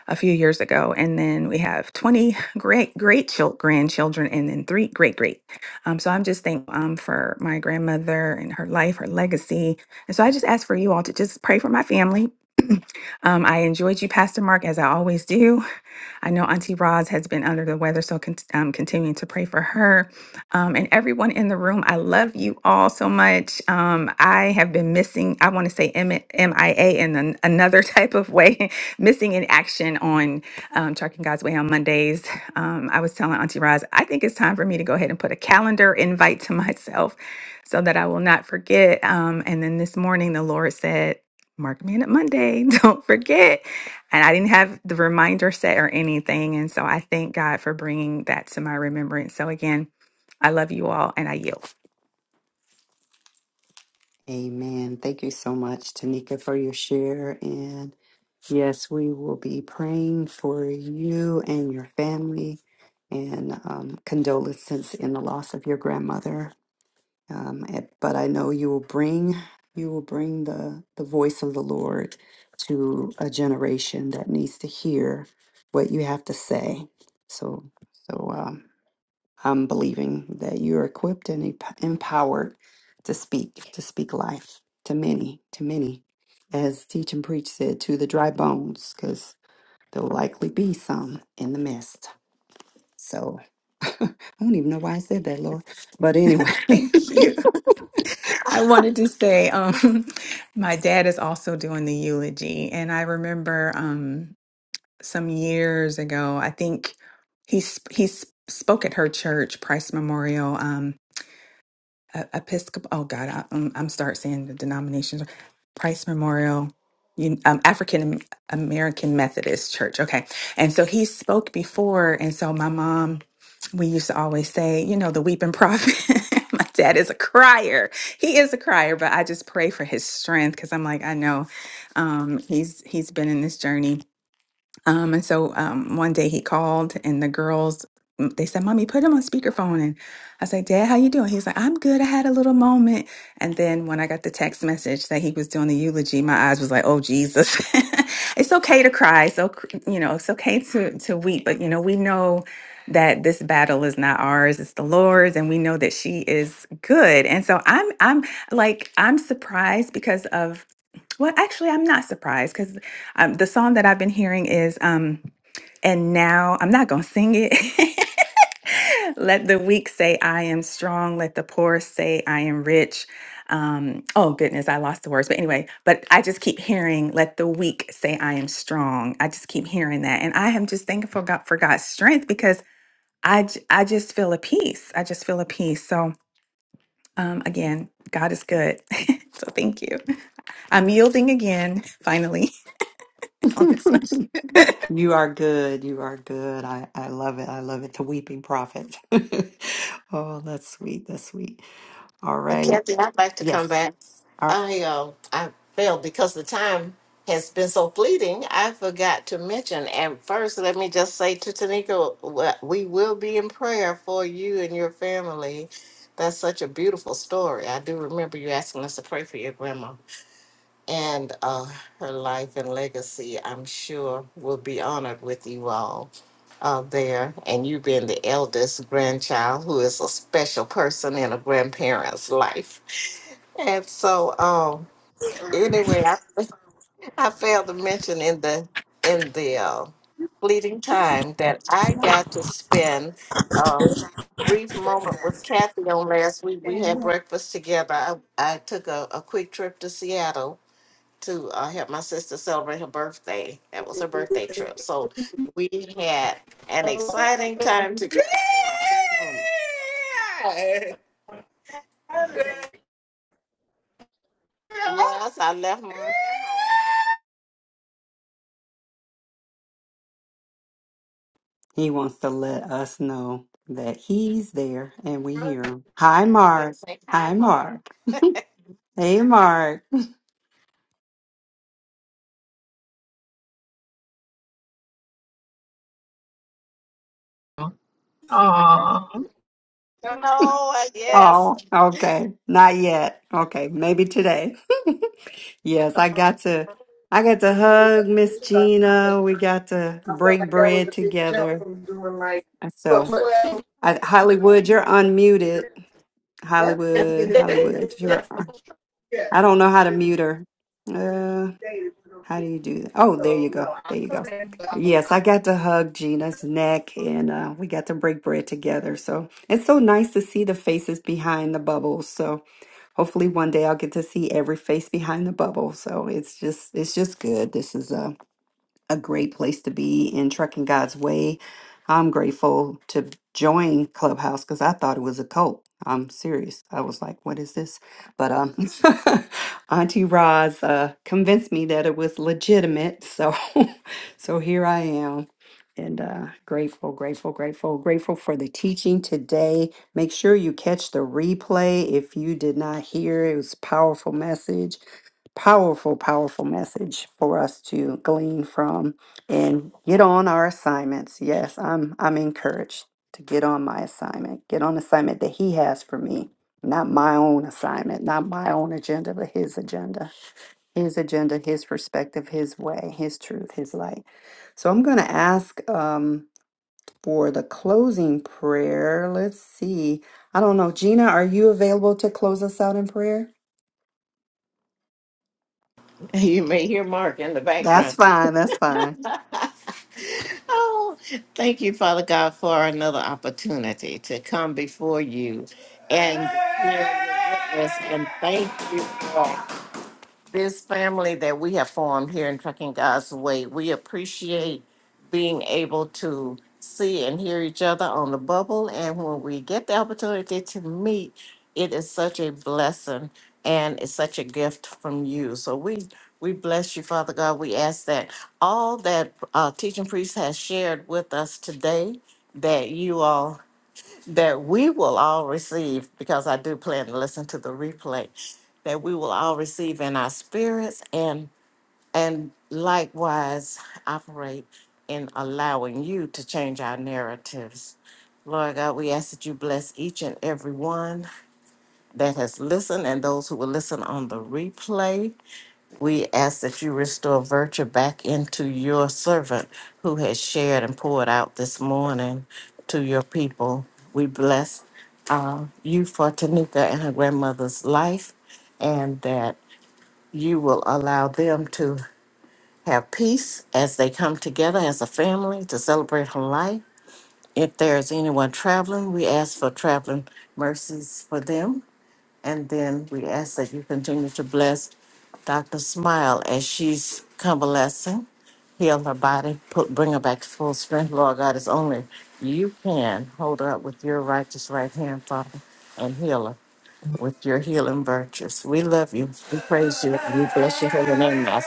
S6: a few years ago, and then we have twenty great great chil- grandchildren, and then three great great. Um, so I'm just thankful um, for my grandmother and her life, her legacy, and so I just ask for you all to just pray for my family. Um, I enjoyed you, Pastor Mark, as I always do. I know Auntie Roz has been under the weather, so con- um, continuing to pray for her. Um, and everyone in the room, I love you all so much. Um, I have been missing, I want to say M- MIA in an, another type of way, missing in action on um, Trucking God's Way on Mondays. Um, I was telling Auntie Roz, I think it's time for me to go ahead and put a calendar invite to myself so that I will not forget. Um, and then this morning, the Lord said, Mark me in at Monday. Don't forget and I didn't have the reminder set or anything. And so I thank God for bringing that to my remembrance. So again, I love you all and I yield.
S1: Amen. Thank you so much, Tanika, for your share. And yes, we will be praying for you and your family and um, condolences in the loss of your grandmother. Um, and- but I know you will bring you will bring the the voice of the Lord to a generation that needs to hear what you have to say. So so um, I'm believing that you're equipped and emp- empowered to speak to speak life to many to many, as teach and preach said to the dry bones, because there'll likely be some in the midst. So I don't even know why I said that, Lord. But anyway.
S6: Thank you. I wanted to say, um, my dad is also doing the eulogy. And I remember um, some years ago, I think he, sp- he sp- spoke at her church, Price Memorial. Um, uh, Episcopal. Oh God, I, um, I'm start saying the denominations. Price Memorial, Un- um, African American Methodist Church. Okay, and so he spoke before, and so my mom, we used to always say, you know, the weeping prophet. my dad is a crier. He is a crier, but I just pray for his strength because I'm like, I know, um, he's he's been in this journey um, and so um, one day he called, and the girls m- they said, "Mommy, put him on speakerphone." And I said, "Dad, how you doing?" He's like, "I'm good. I had a little moment." And then when I got the text message that he was doing the eulogy, my eyes was like, "Oh Jesus." it's okay to cry. So you know, it's okay to to weep, but you know, we know that this battle is not ours it's the lord's and we know that she is good and so i'm i'm like i'm surprised because of well actually i'm not surprised because. Um, the song that I've been hearing is um, and now I'm not going to sing it. Let the weak say, I am strong. Let the poor say, I am rich. Um, oh, goodness, I lost the words. But anyway, but I just keep hearing, Let the weak say, I am strong. I just keep hearing that. And I am just thankful God, for God's strength because I, j- I just feel a peace. I just feel a peace. So, um, again, God is good. so, thank you. I'm yielding again, finally, on this one.
S1: You are good. You are good. I, I love it. I love it. The weeping prophet. Oh, that's sweet. That's sweet. All
S5: Uh,
S1: right.
S5: Kathy, I'd like to come
S1: Yes.
S5: back. I uh, I failed because the time has been so fleeting. I forgot to mention. And first, let me just say to Tanika, wh- we will be in prayer for you and your family. That's such a beautiful story. I do remember you asking us to pray for your grandma. and uh, her life and legacy, I'm sure, will be honored with you all uh, there. And you being the eldest grandchild, who is a special person in a grandparent's life. And so, um, anyway, I, I failed to mention in the in the uh, fleeting time that I got to spend a brief moment with Kathy on last week. We had breakfast together. I, I took a, a quick trip to Seattle to uh, help my sister celebrate her birthday. That was her birthday trip. So we had an exciting time together. Yeah! Girl! Yes, I left Mark at
S1: He wants to let us know that he's there and we hear him. Hi,
S5: Then
S1: Mark.
S5: say hi,
S1: Hi, Mark.
S5: Mark.
S1: Hey, Mark.
S6: Aw.
S5: No, uh, yes.
S1: Oh, okay. Not yet. Okay. Maybe today. Yes, I got to I got to hug Miss Gina. We got to
S4: I felt
S1: break
S4: like that was
S1: bread
S4: a big jump
S1: together.
S4: from doing like, but
S1: So,
S4: well,
S1: I, Hollywood, you're unmuted.
S4: yeah, and
S1: Hollywood,
S4: then
S1: Hollywood. Sure. I don't know how to
S4: it's
S1: mute her. Uh,
S4: dated,
S1: how do you do that? Oh, there
S4: so
S1: you go.
S4: no, I
S1: There you
S4: come
S1: go.
S4: in, but I'm
S1: Yes, I
S4: not.
S1: got to hug Gina's neck and uh, we got to break bread together. So it's so nice to see the faces behind the bubbles. So hopefully one day I'll get to see every face behind the bubble. So it's just it's just good. This is uh a great place to be in Trucking God's Way. I'm grateful to join Clubhouse because I thought it was a cult. I'm serious. I was like, what is this? But um, Auntie Roz uh, convinced me that it was legitimate. So, so here I am. And uh, grateful, grateful, grateful, grateful for the teaching today. Make sure you catch the replay if you did not hear. It was a powerful message powerful, powerful message for us to glean from and get on our assignments. Yes, I'm I'm encouraged to get on my assignment, get on the assignment that he has for me, not my own assignment, not my own agenda, but his agenda, his agenda, his perspective, his way, his truth, his light. So I'm going to ask um, for the closing prayer. Let's see. I don't know, Gina, are you available to close us out in prayer?
S5: You may hear Mark in the
S1: That's
S5: background.
S1: fine. That's fine.
S5: oh, thank you, Father God, for another opportunity to come before you and declare your goodness. And thank you for this family that we have formed here in Trucking God's Way. We appreciate being able to see and hear each other on the bubble. And when we get the opportunity to meet, it is such a blessing and it's such a gift from you. So we we bless you, Father God. We ask that all that uh, teaching priest has shared with us today, that you all that we will all receive, because I do plan to listen to the replay, that we will all receive in our spirits and and likewise operate in allowing you to change our narratives. Lord God, we ask that you bless each and every one that has listened and those who will listen on the replay. We ask that you restore virtue back into your servant who has shared and poured out this morning to your people. We bless uh, you for Tanika and her grandmother's life, and that you will allow them to have peace as they come together as a family to celebrate her life. If there is anyone traveling, we ask for traveling mercies for them and then we ask that you continue to bless Dr. Smile as she's convalescing. Heal her body, put, bring her back to full strength. Lord God, it's only you can hold her up with your righteous right hand, Father, and heal her with your healing virtues. We love you. We praise you. We bless your holy name. I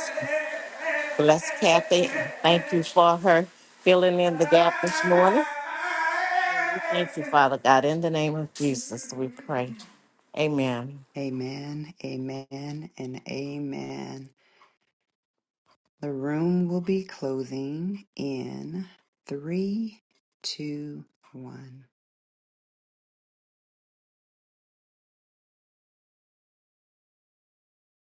S5: bless Kathy. Thank you for her filling in the gap this morning. Thank you, Father God. In the name of Jesus, we pray. Amen.
S1: Amen, amen, and amen. The room will be closing in three, two, one.